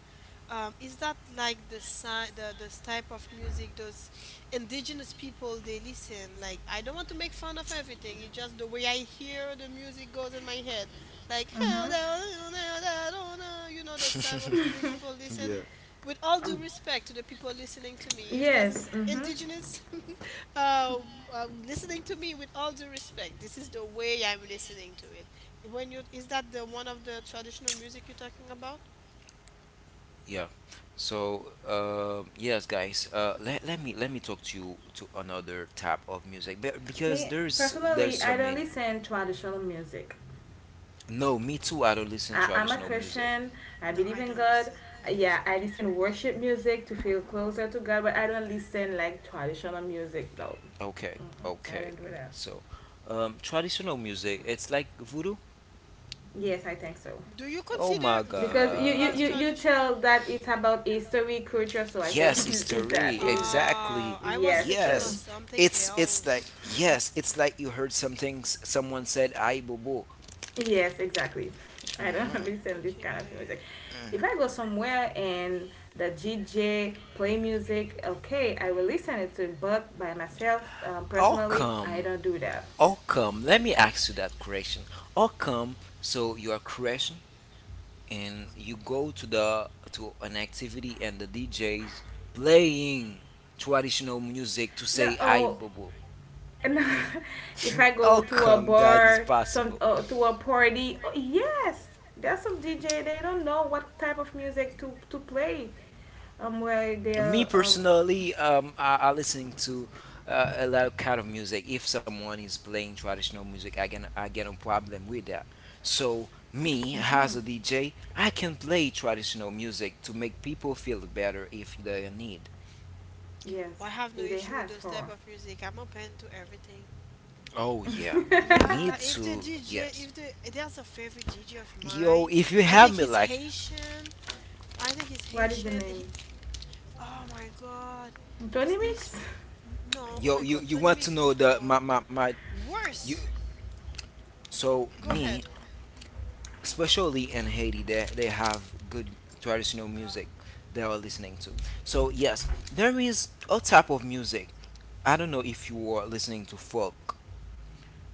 [SPEAKER 1] is that like the sign the this type of music those indigenous people they listen? Like I don't want to make fun of everything. It's just the way I hear the music goes in my head like
[SPEAKER 3] mm-hmm.
[SPEAKER 1] those type of music people
[SPEAKER 2] yeah.
[SPEAKER 1] listen with all due
[SPEAKER 3] Um,
[SPEAKER 1] respect to the people listening to me if there's an
[SPEAKER 3] yes, mm-hmm.
[SPEAKER 1] indigenous uh, listening to me with all due respect this is the way I'm listening to it when you is that the one of the traditional music you're talking about.
[SPEAKER 2] Yeah. So, yes, guys. Let me talk to you to another type of music because
[SPEAKER 3] Me
[SPEAKER 2] there's
[SPEAKER 3] personally,
[SPEAKER 2] so
[SPEAKER 3] I don't
[SPEAKER 2] many.
[SPEAKER 3] listen traditional music.
[SPEAKER 2] No, me too. I don't listen to
[SPEAKER 3] I'm a
[SPEAKER 2] traditional music.
[SPEAKER 3] Christian. I
[SPEAKER 1] No,
[SPEAKER 3] believe
[SPEAKER 1] i
[SPEAKER 3] in
[SPEAKER 1] don't
[SPEAKER 3] God.
[SPEAKER 1] listen I don't
[SPEAKER 3] Yeah,
[SPEAKER 1] listen to
[SPEAKER 3] I
[SPEAKER 1] traditional
[SPEAKER 3] listen
[SPEAKER 1] music.
[SPEAKER 3] worship music to feel closer to God, but I don't listen like traditional music though.
[SPEAKER 2] Okay,
[SPEAKER 3] Mm-hmm. I
[SPEAKER 2] okay.
[SPEAKER 3] don't do that.
[SPEAKER 2] So, traditional music. It's like voodoo.
[SPEAKER 3] Yes, I think so.
[SPEAKER 1] Do you
[SPEAKER 2] Oh
[SPEAKER 1] consider
[SPEAKER 2] my
[SPEAKER 3] Because
[SPEAKER 1] voodoo
[SPEAKER 2] God.
[SPEAKER 1] as
[SPEAKER 3] you
[SPEAKER 1] traditional?
[SPEAKER 3] tell that it's about history culture, so I think
[SPEAKER 2] Yes, it's Tari.
[SPEAKER 3] it is that.
[SPEAKER 2] Exactly.
[SPEAKER 1] Ah, I was
[SPEAKER 3] Yes.
[SPEAKER 1] thinking of
[SPEAKER 3] So
[SPEAKER 2] Yes.
[SPEAKER 1] something
[SPEAKER 2] It's like
[SPEAKER 1] else.
[SPEAKER 2] yes. It's like you heard something someone said, I bobo.
[SPEAKER 3] yes, exactly. I don't listen this kind of music.
[SPEAKER 1] Okay.
[SPEAKER 3] If I go somewhere and the DJ play music, okay, I will listen it to, but by myself,
[SPEAKER 2] Oh,
[SPEAKER 3] personally I
[SPEAKER 2] come.
[SPEAKER 3] don't do that.
[SPEAKER 2] How come? Let me ask you that question. How come? So you are crashing and you go to the to an activity and the DJs playing traditional music to
[SPEAKER 3] No.
[SPEAKER 2] say I
[SPEAKER 3] Oh,
[SPEAKER 2] bubble.
[SPEAKER 3] and if I
[SPEAKER 2] How
[SPEAKER 3] go to a
[SPEAKER 2] come that is
[SPEAKER 3] bar, some
[SPEAKER 2] possible?
[SPEAKER 3] to a party, oh, yes, there's some DJ, they don't know what type of music to play, where
[SPEAKER 2] Me
[SPEAKER 3] they'll um.
[SPEAKER 2] personally, I listening to a lot of kind of music. If someone is playing traditional music, I get a problem with that. So me as a DJ, I can play traditional music to make people feel better if they need.
[SPEAKER 1] Well,
[SPEAKER 3] Yes,
[SPEAKER 1] I have no
[SPEAKER 3] if they
[SPEAKER 1] issue with
[SPEAKER 3] has
[SPEAKER 1] those
[SPEAKER 3] for.
[SPEAKER 1] type of music. I'm open to everything.
[SPEAKER 2] Oh yeah,
[SPEAKER 1] Yeah,
[SPEAKER 2] need
[SPEAKER 1] if the
[SPEAKER 2] to,
[SPEAKER 1] DJ,
[SPEAKER 2] yes.
[SPEAKER 1] if the there's a favorite DJ of mine,
[SPEAKER 2] Yo, if you
[SPEAKER 1] I
[SPEAKER 2] have
[SPEAKER 1] think
[SPEAKER 2] me
[SPEAKER 1] he's
[SPEAKER 2] like
[SPEAKER 1] Haitian. I think he's
[SPEAKER 3] What is the
[SPEAKER 1] Haitian.
[SPEAKER 3] name?
[SPEAKER 1] Oh my God,
[SPEAKER 3] Tony
[SPEAKER 1] is
[SPEAKER 3] Mix.
[SPEAKER 1] no? Oh
[SPEAKER 2] yo,
[SPEAKER 1] my God,
[SPEAKER 2] you
[SPEAKER 1] Tony
[SPEAKER 2] want to
[SPEAKER 1] Mix is
[SPEAKER 2] know the
[SPEAKER 1] one
[SPEAKER 2] my
[SPEAKER 1] of the
[SPEAKER 2] my my you.
[SPEAKER 1] worst.
[SPEAKER 2] So
[SPEAKER 1] Go
[SPEAKER 2] me,
[SPEAKER 1] ahead,
[SPEAKER 2] especially in Haiti, they have good traditional music they are listening to. So yes, there is a type of music. I don't know if you are listening to folk.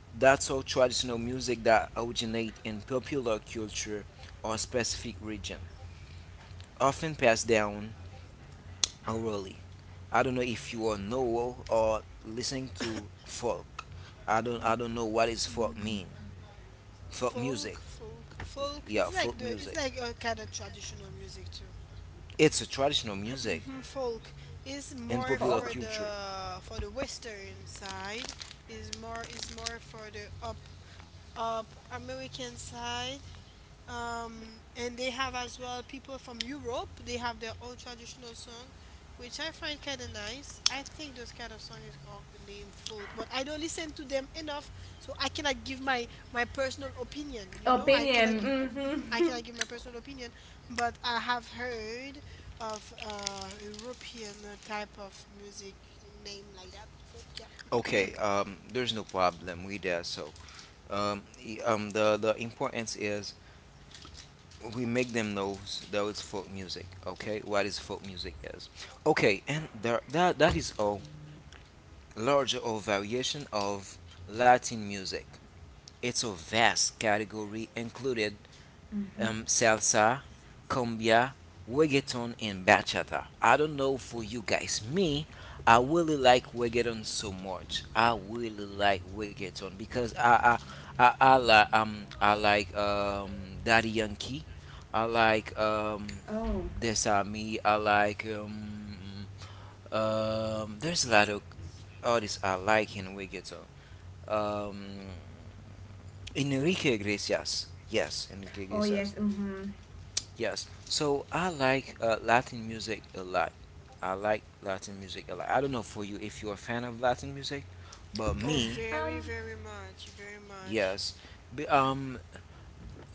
[SPEAKER 2] That's all traditional music that originate in popular culture or specific region, often passed down orally. I don't know if you are know or listening to folk. I don't know what is folk mean. Folk music.
[SPEAKER 1] folk, folk.
[SPEAKER 2] Yeah,
[SPEAKER 1] It's
[SPEAKER 2] folk
[SPEAKER 1] like the
[SPEAKER 2] music.
[SPEAKER 1] it's like a kind of traditional music too.
[SPEAKER 2] It's a traditional music
[SPEAKER 1] Mm, folk is
[SPEAKER 2] and
[SPEAKER 1] more
[SPEAKER 2] popular
[SPEAKER 3] Fog
[SPEAKER 2] culture.
[SPEAKER 1] for the western side, is more for the up American side, and they have as well people from Europe. They have their own traditional song, which I find kind of nice. I think those kind of song is called named folk, but I don't listen to them enough, so I cannot give my personal opinion. You know, I cannot
[SPEAKER 3] opinion
[SPEAKER 1] give. Mhm, I
[SPEAKER 3] mm-hmm.
[SPEAKER 1] cannot give my personal opinion, but I have heard of European type of music name like that. Folk, yeah.
[SPEAKER 2] Okay, there's no problem with that. So, the importance is we make them know that it's folk music. Okay, what is folk music is. Okay, and there, that that is a larger or variation of Latin music. It's a vast category included salsa, cumbia, reggaeton, and bachata. I don't know for you guys. Me, I really like reggaeton so much. I really like reggaeton because I like I like Daddy Yankee. I like
[SPEAKER 3] Oh.
[SPEAKER 2] Desami. I like there's a lot of artists I like in reggaeton. Um Enrique Iglesias. Yes, Enrique
[SPEAKER 3] Oh yes,
[SPEAKER 2] Iglesias.
[SPEAKER 3] mm-hmm.
[SPEAKER 2] Yes. So I like Latin music a lot. I like Latin music a lot. I don't know for you if you're a fan of Latin music, but
[SPEAKER 1] Oh,
[SPEAKER 2] me,
[SPEAKER 1] very,
[SPEAKER 3] um
[SPEAKER 1] very much, very much.
[SPEAKER 2] yes. B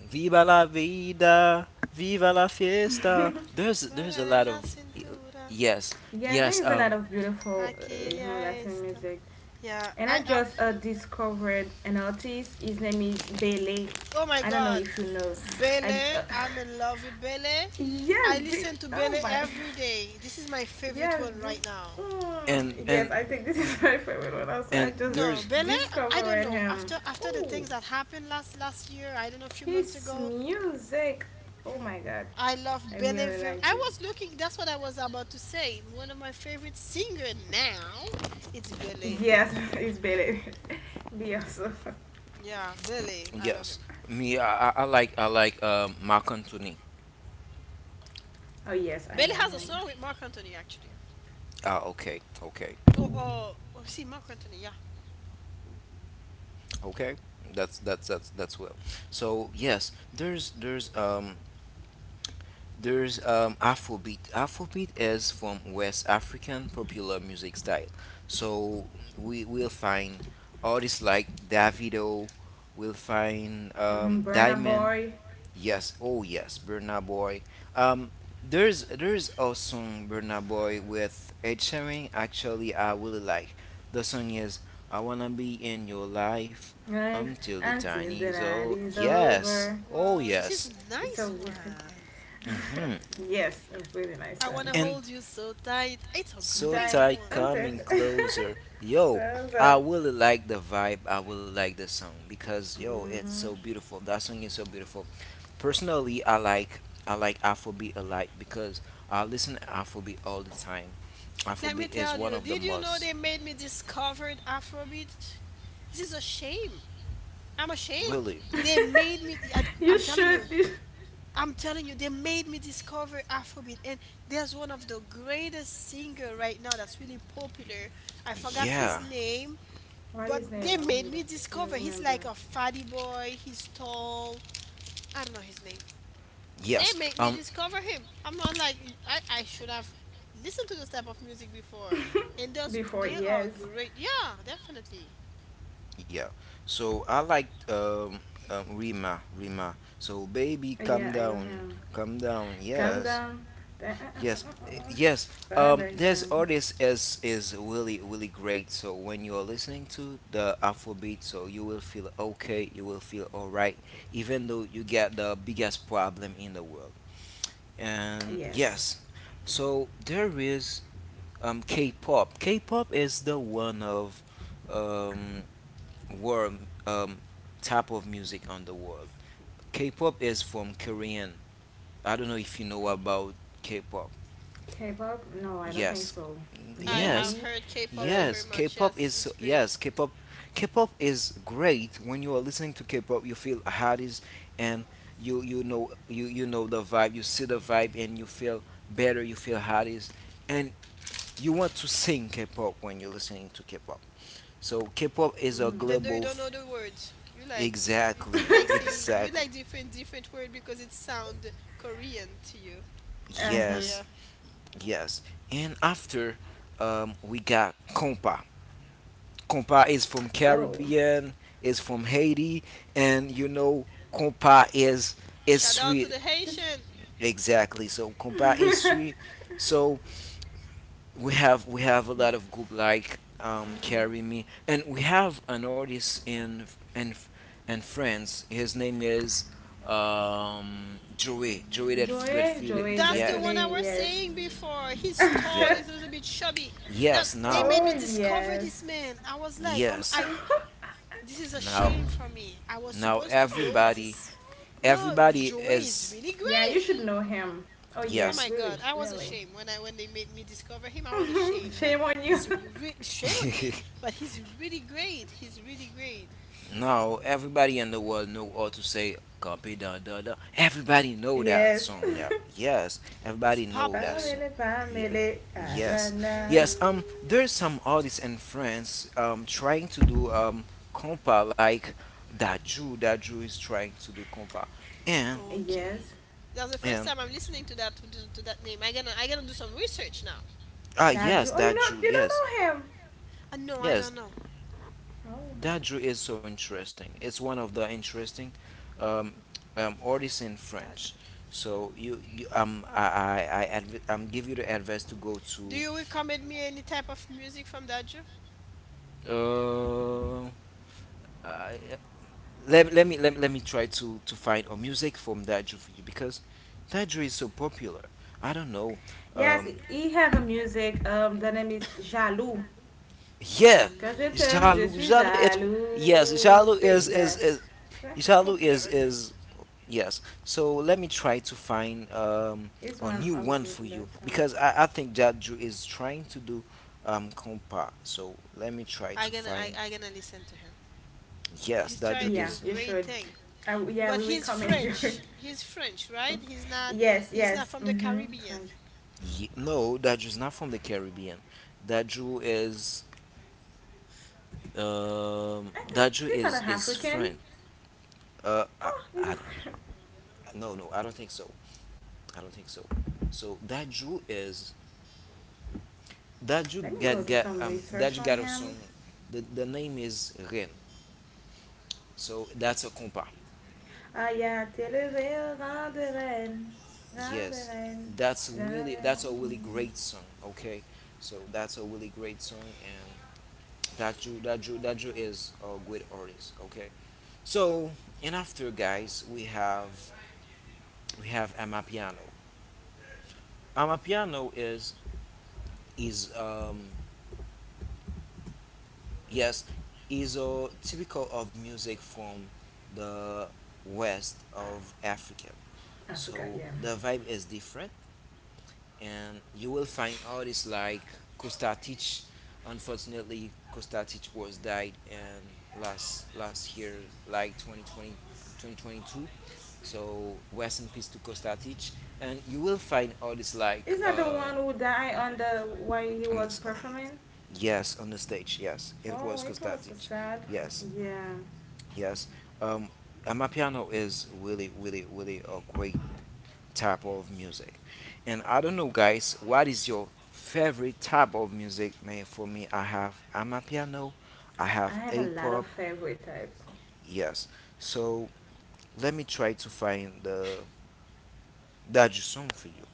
[SPEAKER 2] Viva la vida, viva la fiesta. There's a
[SPEAKER 1] Ra
[SPEAKER 2] lot
[SPEAKER 1] la
[SPEAKER 2] of
[SPEAKER 1] cintura.
[SPEAKER 2] yes,
[SPEAKER 3] yes, there
[SPEAKER 2] yes.
[SPEAKER 3] is a lot of beautiful
[SPEAKER 1] Aqui é
[SPEAKER 3] Latin
[SPEAKER 1] esta.
[SPEAKER 3] music.
[SPEAKER 1] Yeah,
[SPEAKER 3] And
[SPEAKER 1] I,
[SPEAKER 3] I
[SPEAKER 1] I
[SPEAKER 3] just discovered an artist. His name is Bele.
[SPEAKER 1] oh my
[SPEAKER 3] I don't know
[SPEAKER 1] god,
[SPEAKER 3] if you know. I j-
[SPEAKER 1] Bele, I'm in love with Bele.
[SPEAKER 3] yeah,
[SPEAKER 1] I listen to
[SPEAKER 3] oh
[SPEAKER 1] Bele
[SPEAKER 3] my.
[SPEAKER 1] every day. This is my favorite
[SPEAKER 3] Yes,
[SPEAKER 1] one
[SPEAKER 3] this.
[SPEAKER 1] right now.
[SPEAKER 3] Mm,
[SPEAKER 2] And
[SPEAKER 3] yes, I
[SPEAKER 2] and
[SPEAKER 3] think this is my favorite one. Also, I
[SPEAKER 2] and
[SPEAKER 3] just
[SPEAKER 1] No,
[SPEAKER 2] there's
[SPEAKER 1] Bele, I don't
[SPEAKER 3] discovered
[SPEAKER 1] know.
[SPEAKER 3] him.
[SPEAKER 1] After the
[SPEAKER 3] Oh,
[SPEAKER 1] things that happened last year, I don't know, a few months
[SPEAKER 3] his
[SPEAKER 1] ago,
[SPEAKER 3] music. Oh my god,
[SPEAKER 1] I
[SPEAKER 3] I
[SPEAKER 1] love Bele
[SPEAKER 3] really
[SPEAKER 1] very.
[SPEAKER 3] liked
[SPEAKER 1] I
[SPEAKER 3] it.
[SPEAKER 1] was looking. That's what I was about to say. One of my favorite singer now, it's Bele.
[SPEAKER 3] Yes, it's Billy. Beyonce.
[SPEAKER 1] Yeah, Bele, I love
[SPEAKER 2] yes.
[SPEAKER 1] him.
[SPEAKER 2] Me, I like I like Marc Anthony.
[SPEAKER 3] Oh yes, I
[SPEAKER 1] Bele
[SPEAKER 3] know
[SPEAKER 1] has a
[SPEAKER 3] him.
[SPEAKER 1] song with Mark Anthony actually.
[SPEAKER 2] Ah, okay, okay.
[SPEAKER 1] Oh, oh see Mark Anthony, yeah.
[SPEAKER 2] Okay, that's that's well. So yes, there's Afrobeat. Afrobeat is from West African popular music style. So we will find artists like Davido. We'll find
[SPEAKER 3] Mm-hmm. Burna
[SPEAKER 2] Diamond.
[SPEAKER 3] Boy.
[SPEAKER 2] Yes, oh yes, Burna Boy. Um, there's a song Burna Boy with Ed Sheeran. Actually, I really like. The song is "I Wanna Be in Your Life"
[SPEAKER 3] Life
[SPEAKER 2] until the
[SPEAKER 3] until
[SPEAKER 2] tiny
[SPEAKER 3] the
[SPEAKER 2] is
[SPEAKER 3] night
[SPEAKER 2] old.
[SPEAKER 3] is
[SPEAKER 1] Oh,
[SPEAKER 2] Yes,
[SPEAKER 3] over.
[SPEAKER 2] oh
[SPEAKER 1] wow, this is a
[SPEAKER 2] yes.
[SPEAKER 3] It's a
[SPEAKER 1] nice
[SPEAKER 3] really-
[SPEAKER 1] one.
[SPEAKER 2] Hmm.
[SPEAKER 3] yes, a really nice
[SPEAKER 1] I want
[SPEAKER 3] one.
[SPEAKER 1] to
[SPEAKER 2] And
[SPEAKER 1] hold you so tight. It's a
[SPEAKER 2] so
[SPEAKER 1] great
[SPEAKER 3] Time
[SPEAKER 2] tight,
[SPEAKER 1] one.
[SPEAKER 3] until.
[SPEAKER 2] coming closer. Yo, I really like the vibe. I really like the song because yo, it's
[SPEAKER 3] mm-hmm.
[SPEAKER 2] so beautiful. That song is so beautiful. Personally, I like Afrobeat a lot because I listen to Afrobeat all the time.
[SPEAKER 1] Let me
[SPEAKER 2] Afrobeat is
[SPEAKER 1] tell
[SPEAKER 2] one
[SPEAKER 1] you,
[SPEAKER 2] of the
[SPEAKER 1] did you know they
[SPEAKER 2] most
[SPEAKER 1] made me discover Afrobeat? This is a shame. I'm ashamed.
[SPEAKER 2] really.
[SPEAKER 1] They made me, and I'm
[SPEAKER 3] You
[SPEAKER 1] telling
[SPEAKER 3] should.
[SPEAKER 1] you,
[SPEAKER 3] You.
[SPEAKER 1] they made me discover Afrobeat. And there's one of the greatest singer right now that's really popular. I forgot
[SPEAKER 2] Yeah.
[SPEAKER 1] his name,
[SPEAKER 3] What is his
[SPEAKER 1] but they
[SPEAKER 3] name? Oh,
[SPEAKER 1] made
[SPEAKER 3] you
[SPEAKER 1] me
[SPEAKER 3] don't, you
[SPEAKER 1] discover.
[SPEAKER 3] don't
[SPEAKER 1] He's
[SPEAKER 3] remember?
[SPEAKER 1] like a fatty boy. He's tall. I don't know his name.
[SPEAKER 2] Yes.
[SPEAKER 1] They make me discover him. I'm not like I should have listened to this type of music before. And those
[SPEAKER 3] Before
[SPEAKER 1] they are
[SPEAKER 3] yes,
[SPEAKER 1] great. Yeah, definitely.
[SPEAKER 2] Yeah. So I like Rima. Rima. So baby, come
[SPEAKER 3] Yeah, I know
[SPEAKER 2] down,
[SPEAKER 3] him.
[SPEAKER 2] come down.
[SPEAKER 3] Come
[SPEAKER 2] Yes.
[SPEAKER 3] down, Da- uh, uh,
[SPEAKER 2] Yes,
[SPEAKER 3] uh,
[SPEAKER 2] eh,
[SPEAKER 3] uh, uh.
[SPEAKER 2] yes.
[SPEAKER 3] Come down,
[SPEAKER 2] This
[SPEAKER 3] down.
[SPEAKER 2] artist is really really great. So when you are listening to the Afrobeat, so you will feel okay, you will feel all right, even though you get the biggest problem in the world. And
[SPEAKER 3] Yes.
[SPEAKER 2] yes, so there is K-pop. K-pop is the one of um world type of music on the world. K-pop is from Korean. I don't know if you know about K-pop.
[SPEAKER 3] K-pop? No, I don't think
[SPEAKER 2] Yes.
[SPEAKER 3] so.
[SPEAKER 1] I
[SPEAKER 2] Yes.
[SPEAKER 1] have
[SPEAKER 3] Maybe,
[SPEAKER 1] heard K-pop
[SPEAKER 3] but
[SPEAKER 1] so
[SPEAKER 2] Yes,
[SPEAKER 1] very much. Yes, it's great.
[SPEAKER 2] K-pop K-pop is great. When you are listening to K-pop, you feel hotties, and you you know the vibe, you see the vibe and you feel better, you feel hotties, and you want to sing K-pop when you're listening to K-pop. So K-pop is a
[SPEAKER 1] Even though
[SPEAKER 2] global
[SPEAKER 1] you don't know the words, you
[SPEAKER 2] exactly,
[SPEAKER 1] like saying you
[SPEAKER 2] exactly.
[SPEAKER 1] like different different word because it sound Korean to you.
[SPEAKER 3] uh
[SPEAKER 1] So
[SPEAKER 3] huh.
[SPEAKER 2] Yes,
[SPEAKER 1] yeah,
[SPEAKER 2] yes. And after we got Compa. Compa is from
[SPEAKER 3] Oh,
[SPEAKER 2] Caribbean, is from Haiti, and you know compa is
[SPEAKER 1] shout out to
[SPEAKER 2] sweet
[SPEAKER 1] the
[SPEAKER 3] just
[SPEAKER 1] Haitian.
[SPEAKER 2] exactly. So compa is sweet. So we have a lot of group like Carry Me, and we have an artist in in France. His name is Joey Joey that that
[SPEAKER 3] Joey,
[SPEAKER 2] feel it.
[SPEAKER 3] Joey,
[SPEAKER 1] That's the
[SPEAKER 2] Yes,
[SPEAKER 1] one I
[SPEAKER 3] Joyfile.
[SPEAKER 1] was
[SPEAKER 3] Yes.
[SPEAKER 1] saying before. He's tall.
[SPEAKER 2] yes,
[SPEAKER 1] He's a little bit chubby. That's
[SPEAKER 2] yes.
[SPEAKER 1] they
[SPEAKER 2] Now,
[SPEAKER 1] made
[SPEAKER 3] oh
[SPEAKER 1] me discover
[SPEAKER 3] yes.
[SPEAKER 1] this man. I was like, I
[SPEAKER 2] yes,
[SPEAKER 1] this is a
[SPEAKER 2] now,
[SPEAKER 1] shame for me. I was
[SPEAKER 2] now
[SPEAKER 1] supposed to know
[SPEAKER 2] everybody
[SPEAKER 1] this. No,
[SPEAKER 2] everybody
[SPEAKER 1] Joey is
[SPEAKER 2] is
[SPEAKER 1] really
[SPEAKER 3] yeah, you
[SPEAKER 1] great.
[SPEAKER 3] should know him. Oh
[SPEAKER 1] Oh
[SPEAKER 3] yes,
[SPEAKER 1] my
[SPEAKER 2] yes.
[SPEAKER 3] really,
[SPEAKER 1] god, I was
[SPEAKER 3] really.
[SPEAKER 1] ashamed when I when they made me discover him. I was ashamed, but
[SPEAKER 3] Shame on you.
[SPEAKER 1] he's a great shame on me. But he's really great. He's really great.
[SPEAKER 2] Now everybody in the world know how to say copy da da da. Everybody know that
[SPEAKER 3] yes.
[SPEAKER 2] song now. Yes,
[SPEAKER 1] It's
[SPEAKER 2] everybody know that
[SPEAKER 1] popular.
[SPEAKER 2] song.
[SPEAKER 3] Pamela,
[SPEAKER 2] Yeah.
[SPEAKER 3] Pamela,
[SPEAKER 2] Yes.
[SPEAKER 3] Alana.
[SPEAKER 2] Yes.
[SPEAKER 1] Mm,
[SPEAKER 2] There's some artists in France trying to do compa like that Jew is trying to do compa. And
[SPEAKER 1] okay,
[SPEAKER 3] Yes,
[SPEAKER 1] that's the first
[SPEAKER 2] and
[SPEAKER 1] time I'm listening to that to, that name. I gonna do some research now.
[SPEAKER 2] ah
[SPEAKER 3] that
[SPEAKER 2] yes
[SPEAKER 3] you. Oh, you
[SPEAKER 2] that
[SPEAKER 3] know,
[SPEAKER 2] Jew
[SPEAKER 3] you don't
[SPEAKER 2] yes.
[SPEAKER 3] know him.
[SPEAKER 1] No, I
[SPEAKER 2] Yes.
[SPEAKER 1] don't know.
[SPEAKER 3] Oh.
[SPEAKER 2] That drew is so interesting. It's one of the interesting um, artists in French.
[SPEAKER 1] Daju.
[SPEAKER 2] So you, give you the advice to go
[SPEAKER 1] Do
[SPEAKER 2] to
[SPEAKER 1] you recommend me any type of music from Daju?
[SPEAKER 2] uh I, let, let me let, me- let me try to find a music from that for you because that is so popular. I don't know.
[SPEAKER 3] Yes,
[SPEAKER 2] Um,
[SPEAKER 3] he have a music. The name is Jaloux.
[SPEAKER 2] Yeah,
[SPEAKER 3] Quand je
[SPEAKER 1] Jaloux.
[SPEAKER 3] t'aime, je
[SPEAKER 2] Jalu,
[SPEAKER 3] suis
[SPEAKER 2] Jalu. It yes,
[SPEAKER 3] jaloux.
[SPEAKER 2] Jalu
[SPEAKER 3] See,
[SPEAKER 2] is
[SPEAKER 3] yeah,
[SPEAKER 2] is is
[SPEAKER 1] It's
[SPEAKER 2] Jalu
[SPEAKER 1] popular.
[SPEAKER 2] is
[SPEAKER 1] Okay.
[SPEAKER 2] is yes. So let me try to find
[SPEAKER 3] it's
[SPEAKER 2] a
[SPEAKER 3] one
[SPEAKER 2] new
[SPEAKER 3] of the
[SPEAKER 2] one for you
[SPEAKER 3] best songs.
[SPEAKER 2] because I think Jaju is trying to do compa. So let me try to find
[SPEAKER 1] I gonna listen to him.
[SPEAKER 2] yes,
[SPEAKER 1] He's
[SPEAKER 2] Daju
[SPEAKER 1] trying to
[SPEAKER 3] Yeah,
[SPEAKER 1] do
[SPEAKER 2] is
[SPEAKER 3] you
[SPEAKER 1] great
[SPEAKER 3] should.
[SPEAKER 1] thing.
[SPEAKER 3] I w yeah,
[SPEAKER 1] But
[SPEAKER 3] we
[SPEAKER 1] he's
[SPEAKER 3] recommend you.
[SPEAKER 1] French. He's French, right?
[SPEAKER 3] yes,
[SPEAKER 1] He's not
[SPEAKER 3] yes.
[SPEAKER 1] from the
[SPEAKER 3] Mm-hmm.
[SPEAKER 1] Caribbean.
[SPEAKER 3] French.
[SPEAKER 2] ye- no, Daju is not from the Caribbean. Daju is
[SPEAKER 3] I think
[SPEAKER 2] Daju
[SPEAKER 3] he's not an
[SPEAKER 2] is
[SPEAKER 3] African.
[SPEAKER 2] friend. Uh, I,
[SPEAKER 3] Oh, he's
[SPEAKER 2] I
[SPEAKER 3] a.
[SPEAKER 2] don't, no, no, I don't think so. I don't think so. So that Jew is
[SPEAKER 3] Let me go do some
[SPEAKER 2] that
[SPEAKER 3] research
[SPEAKER 2] Jew
[SPEAKER 3] on
[SPEAKER 2] got a song.
[SPEAKER 3] him.
[SPEAKER 2] The name is Ren. So that's a compa.
[SPEAKER 3] Ah, il y a t'élever, rein de reine, rein de
[SPEAKER 2] Yes,
[SPEAKER 3] reine,
[SPEAKER 2] that's
[SPEAKER 3] rein de
[SPEAKER 2] really that's a really
[SPEAKER 3] reine.
[SPEAKER 2] great song. Okay, so that's a really great song, and that Jew is a good artist. Okay, so and after guys we have Amapiano. Amapiano is Yes, is a typical of music from the west of Africa.
[SPEAKER 3] I forgot,
[SPEAKER 2] So
[SPEAKER 3] yeah.
[SPEAKER 2] the vibe is different, and you will find artists like Kostatic. Unfortunately, Kostatic was died and last last year, like twenty two. So rest in peace to Kostatic. And you will find artists like
[SPEAKER 3] Is that the one who died on the while he
[SPEAKER 2] on the,
[SPEAKER 3] was performing?
[SPEAKER 2] yes on the stage. Yes, it
[SPEAKER 3] Oh,
[SPEAKER 2] was
[SPEAKER 3] it was so
[SPEAKER 2] Kostatic.
[SPEAKER 3] sad.
[SPEAKER 2] Yes.
[SPEAKER 3] Yeah.
[SPEAKER 2] Yes. Um, Amapiano is really, really, really a great type of music. And I don't know, guys, what is your favorite type of music? Man, for me, I have Amapiano, I
[SPEAKER 3] I
[SPEAKER 2] have
[SPEAKER 3] have a lot of
[SPEAKER 2] A-pop.
[SPEAKER 3] favorite type
[SPEAKER 2] Yes. So let me try to find the that song for you.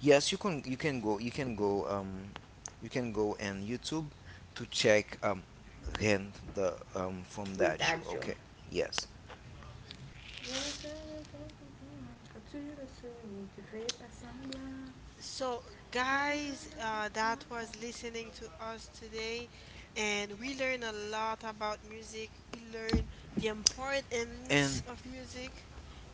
[SPEAKER 2] Yes, you can. You can go. You can go. You can go on YouTube to check Ren the from
[SPEAKER 3] with
[SPEAKER 2] Daju.
[SPEAKER 3] Adjo.
[SPEAKER 2] Okay. Yes.
[SPEAKER 3] Je ne sais le quand tu le sais, tu fais pas semblant.
[SPEAKER 1] So,
[SPEAKER 3] J'ai pas besoin
[SPEAKER 1] guys,
[SPEAKER 3] d'attendre
[SPEAKER 1] that was
[SPEAKER 3] longtemps.
[SPEAKER 1] listening to us today, and we learn a lot about music. We learn the importance
[SPEAKER 2] And
[SPEAKER 1] of music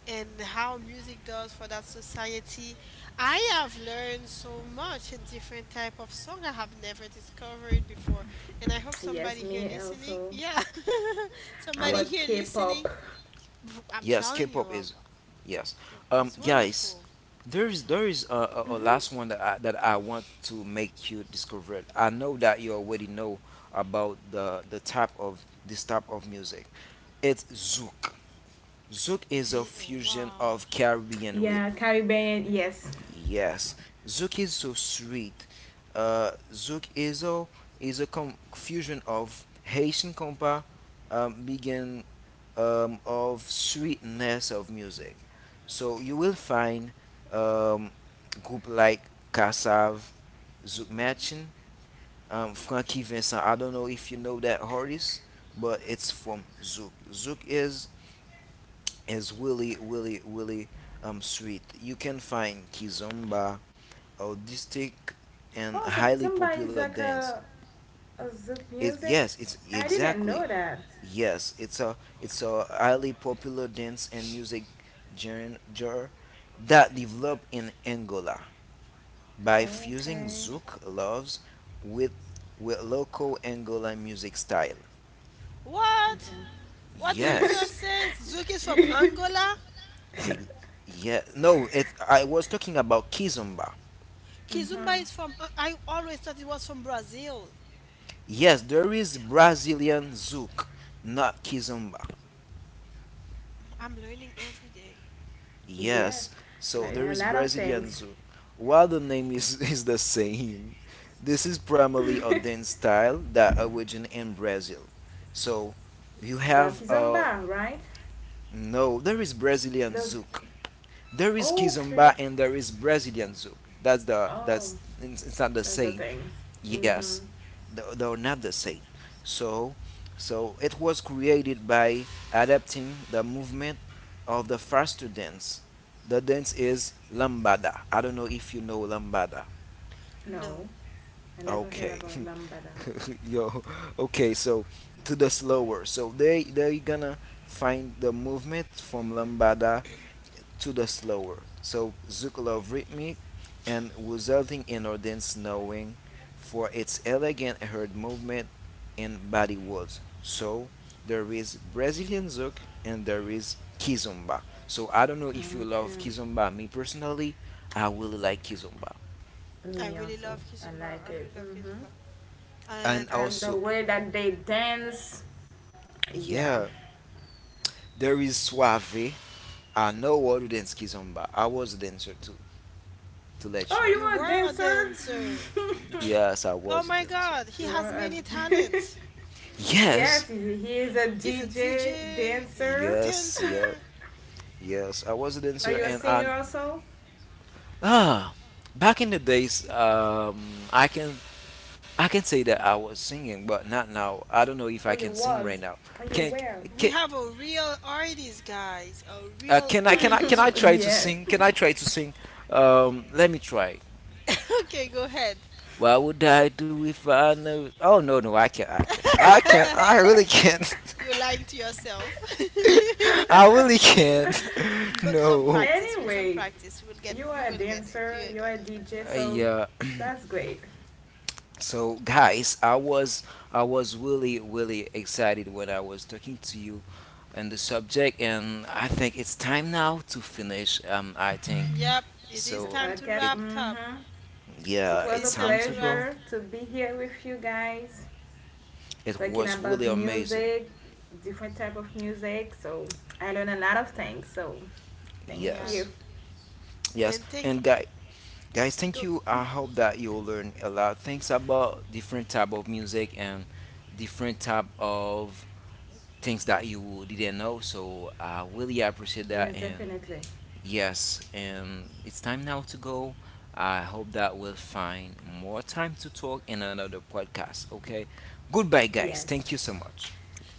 [SPEAKER 1] and how music does for that society. I have learned so much in different type of song I have never discovered before, and I hope
[SPEAKER 3] Yes,
[SPEAKER 1] somebody here
[SPEAKER 3] me
[SPEAKER 1] listening,
[SPEAKER 3] also.
[SPEAKER 1] yeah,
[SPEAKER 3] How
[SPEAKER 1] somebody
[SPEAKER 2] yeah.
[SPEAKER 3] about
[SPEAKER 1] here
[SPEAKER 3] K-pop?
[SPEAKER 1] listening, I'm
[SPEAKER 2] Yes,
[SPEAKER 1] telling you,
[SPEAKER 2] K-pop is yes.
[SPEAKER 1] it's
[SPEAKER 2] Guys,
[SPEAKER 1] wonderful.
[SPEAKER 2] there is a
[SPEAKER 3] Mm-hmm.
[SPEAKER 2] last one that that I want to make you discover. I know that you already know about the type of this type of music. It's zouk. Zouk is a
[SPEAKER 1] The,
[SPEAKER 2] fusion
[SPEAKER 1] wow.
[SPEAKER 2] of Caribbean rhythm.
[SPEAKER 3] Yeah, Caribbean, yes.
[SPEAKER 2] Yes, Zouk is so sweet. Zouk is a fusion of Haitian compa, begin of sweetness of music. So you will find um, group like Kassav, Zouk
[SPEAKER 1] Hmm.
[SPEAKER 2] Matching, Frankie Vincent. I don't know if you know that artist, but it's from Zouk. Zouk is really really really sweet. You can find Kizomba, artistic and
[SPEAKER 3] Oh, so
[SPEAKER 2] highly
[SPEAKER 3] Kizomba is
[SPEAKER 2] popular
[SPEAKER 3] like
[SPEAKER 2] dance.
[SPEAKER 3] a Zouk music?
[SPEAKER 2] Yes, it's
[SPEAKER 3] I didn't
[SPEAKER 2] exactly.
[SPEAKER 3] know that.
[SPEAKER 2] Yes, it's a highly popular dance and music genre that developed in Angola by fusing
[SPEAKER 3] Okay.
[SPEAKER 2] zouk loves with with local Angola music style.
[SPEAKER 1] What?
[SPEAKER 3] Okay.
[SPEAKER 1] What did you
[SPEAKER 2] Yes,
[SPEAKER 1] just say? Zouk is from Angola?
[SPEAKER 2] ex- yeah. No, it. I was talking about kizomba.
[SPEAKER 3] hmm
[SPEAKER 1] Kizumba is from. I always thought it was from Brazil.
[SPEAKER 2] Yes, there is Brazilian zouk, not kizomba.
[SPEAKER 1] I'm learning every day.
[SPEAKER 3] Yes.
[SPEAKER 2] Yes, so
[SPEAKER 3] Like,
[SPEAKER 2] there
[SPEAKER 3] a
[SPEAKER 2] is
[SPEAKER 3] lot of
[SPEAKER 2] Brazilian
[SPEAKER 3] things.
[SPEAKER 2] Zouk. While the name is, is the same, this is primarily a dance style that originated in Brazil. So you
[SPEAKER 3] The
[SPEAKER 2] have,
[SPEAKER 3] Kizomba, right?
[SPEAKER 2] no, there is Brazilian
[SPEAKER 3] Those.
[SPEAKER 2] Zouk. There is
[SPEAKER 3] Okay.
[SPEAKER 2] Kizomba and there is Brazilian Zouk. That's the,
[SPEAKER 3] Oh,
[SPEAKER 2] it's not the
[SPEAKER 3] that's the
[SPEAKER 2] same.
[SPEAKER 3] thing. Mm-hmm.
[SPEAKER 2] Yes, though not the same. So, so it was created by adapting the movement of the faster dance. The dance is lambada. I don't know if you know lambada.
[SPEAKER 3] No,
[SPEAKER 1] No,
[SPEAKER 3] I never heard
[SPEAKER 2] Okay,
[SPEAKER 3] about lambada.
[SPEAKER 2] yo. Okay, so to the slower. So they they're gonna find the movement from lambada to the slower, so Zukolov rhythmic, and resulting in audience knowing for its elegant heard movement and body words. So there is Brazilian Zouk and there is Kizomba. So I don't know if you love
[SPEAKER 3] Okay.
[SPEAKER 2] Kizomba. Me personally, I really like Kizomba.
[SPEAKER 1] I
[SPEAKER 3] Me
[SPEAKER 1] really
[SPEAKER 3] also.
[SPEAKER 1] love
[SPEAKER 3] I
[SPEAKER 1] Kizumba.
[SPEAKER 3] like
[SPEAKER 1] I
[SPEAKER 3] it.
[SPEAKER 1] really love
[SPEAKER 3] Mm-hmm.
[SPEAKER 1] Kizumba.
[SPEAKER 2] And
[SPEAKER 1] And
[SPEAKER 3] I like the
[SPEAKER 2] also,
[SPEAKER 3] way that they dance. Yeah.
[SPEAKER 2] yeah, there is Suave. I know how to dance Kizomba. I was a dancer too, to let
[SPEAKER 3] Oh,
[SPEAKER 2] you know.
[SPEAKER 3] you
[SPEAKER 1] you
[SPEAKER 3] are a
[SPEAKER 1] were a
[SPEAKER 3] dancer?
[SPEAKER 1] dancer.
[SPEAKER 2] Yes, I was
[SPEAKER 1] Oh
[SPEAKER 2] a
[SPEAKER 1] my
[SPEAKER 2] dancer.
[SPEAKER 1] god, he
[SPEAKER 3] you
[SPEAKER 1] has
[SPEAKER 3] are
[SPEAKER 1] many
[SPEAKER 3] a.
[SPEAKER 1] talents.
[SPEAKER 2] Yes,
[SPEAKER 3] Yes, he is a
[SPEAKER 1] He's a
[SPEAKER 3] DJ,
[SPEAKER 1] DJ and a
[SPEAKER 3] dancer.
[SPEAKER 2] yes, yeah.
[SPEAKER 1] dancer.
[SPEAKER 2] Yes, I was a
[SPEAKER 3] Are
[SPEAKER 2] dancer,
[SPEAKER 1] Mm,
[SPEAKER 3] you a
[SPEAKER 2] and I
[SPEAKER 3] singer also?
[SPEAKER 2] ah back in the days, I can I can say that I was singing, but not now. I don't know if
[SPEAKER 3] Or
[SPEAKER 2] I
[SPEAKER 3] you
[SPEAKER 2] can sing
[SPEAKER 3] was?
[SPEAKER 2] right now.
[SPEAKER 3] Or you
[SPEAKER 2] Can
[SPEAKER 3] were?
[SPEAKER 1] we
[SPEAKER 2] can
[SPEAKER 1] have a real artist, guys. A real
[SPEAKER 2] can
[SPEAKER 1] artist
[SPEAKER 2] I
[SPEAKER 1] with
[SPEAKER 2] try to
[SPEAKER 1] us.
[SPEAKER 3] yeah.
[SPEAKER 2] sing? Can I try to sing? Let me try.
[SPEAKER 1] okay, go ahead.
[SPEAKER 2] What would I do if I knew? Oh no no I can't I can't I can't I really can't.
[SPEAKER 1] You're lying to yourself.
[SPEAKER 2] I really can't.
[SPEAKER 1] But some
[SPEAKER 2] No.
[SPEAKER 1] practice, with some
[SPEAKER 3] anyway,
[SPEAKER 1] practice, you will get,
[SPEAKER 3] you are a
[SPEAKER 1] it.
[SPEAKER 3] dancer,
[SPEAKER 1] You will
[SPEAKER 3] you are a
[SPEAKER 1] get it.
[SPEAKER 3] DJ, so
[SPEAKER 2] Yeah.
[SPEAKER 3] that's great.
[SPEAKER 2] So guys, I was really really excited when I was talking to you on the subject, and I think it's time now to finish. I think
[SPEAKER 1] Yep, it is
[SPEAKER 3] The
[SPEAKER 2] so.
[SPEAKER 1] time to
[SPEAKER 3] podcast,
[SPEAKER 2] It
[SPEAKER 1] wrap up.
[SPEAKER 3] mm-hmm. It
[SPEAKER 2] yeah,
[SPEAKER 1] It
[SPEAKER 3] was a
[SPEAKER 1] is
[SPEAKER 2] it's time
[SPEAKER 1] time to
[SPEAKER 2] to
[SPEAKER 1] wrap.
[SPEAKER 2] go.
[SPEAKER 3] pleasure to be here with you guys,
[SPEAKER 2] It
[SPEAKER 3] talking
[SPEAKER 2] was
[SPEAKER 3] about
[SPEAKER 2] really amazing.
[SPEAKER 3] music, different type of music. So I learn a lot of things. So thank
[SPEAKER 1] Yeah,
[SPEAKER 3] you.
[SPEAKER 2] Yes, yes,
[SPEAKER 1] and thank
[SPEAKER 2] and guys. Guys, thank
[SPEAKER 1] go.
[SPEAKER 2] you. I hope
[SPEAKER 1] Mhm.
[SPEAKER 2] that you'll learn a lot things about different type of music and different type of things that you didn't know. So I really appreciate that,
[SPEAKER 3] Yes,
[SPEAKER 2] and
[SPEAKER 3] definitely.
[SPEAKER 2] yes, and it's time now to go. I hope that we'll find more time to talk in another podcast. Okay. Goodbye, guys.
[SPEAKER 3] Yes.
[SPEAKER 2] Thank you so much.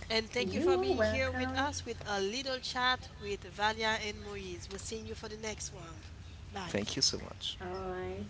[SPEAKER 1] And thank you
[SPEAKER 3] You
[SPEAKER 1] for
[SPEAKER 3] are
[SPEAKER 1] being here with
[SPEAKER 3] welcome.
[SPEAKER 1] us with a little chat with Valia and Moise. We'll see you for the next round. Bye.
[SPEAKER 2] Thank you so much.
[SPEAKER 3] All right.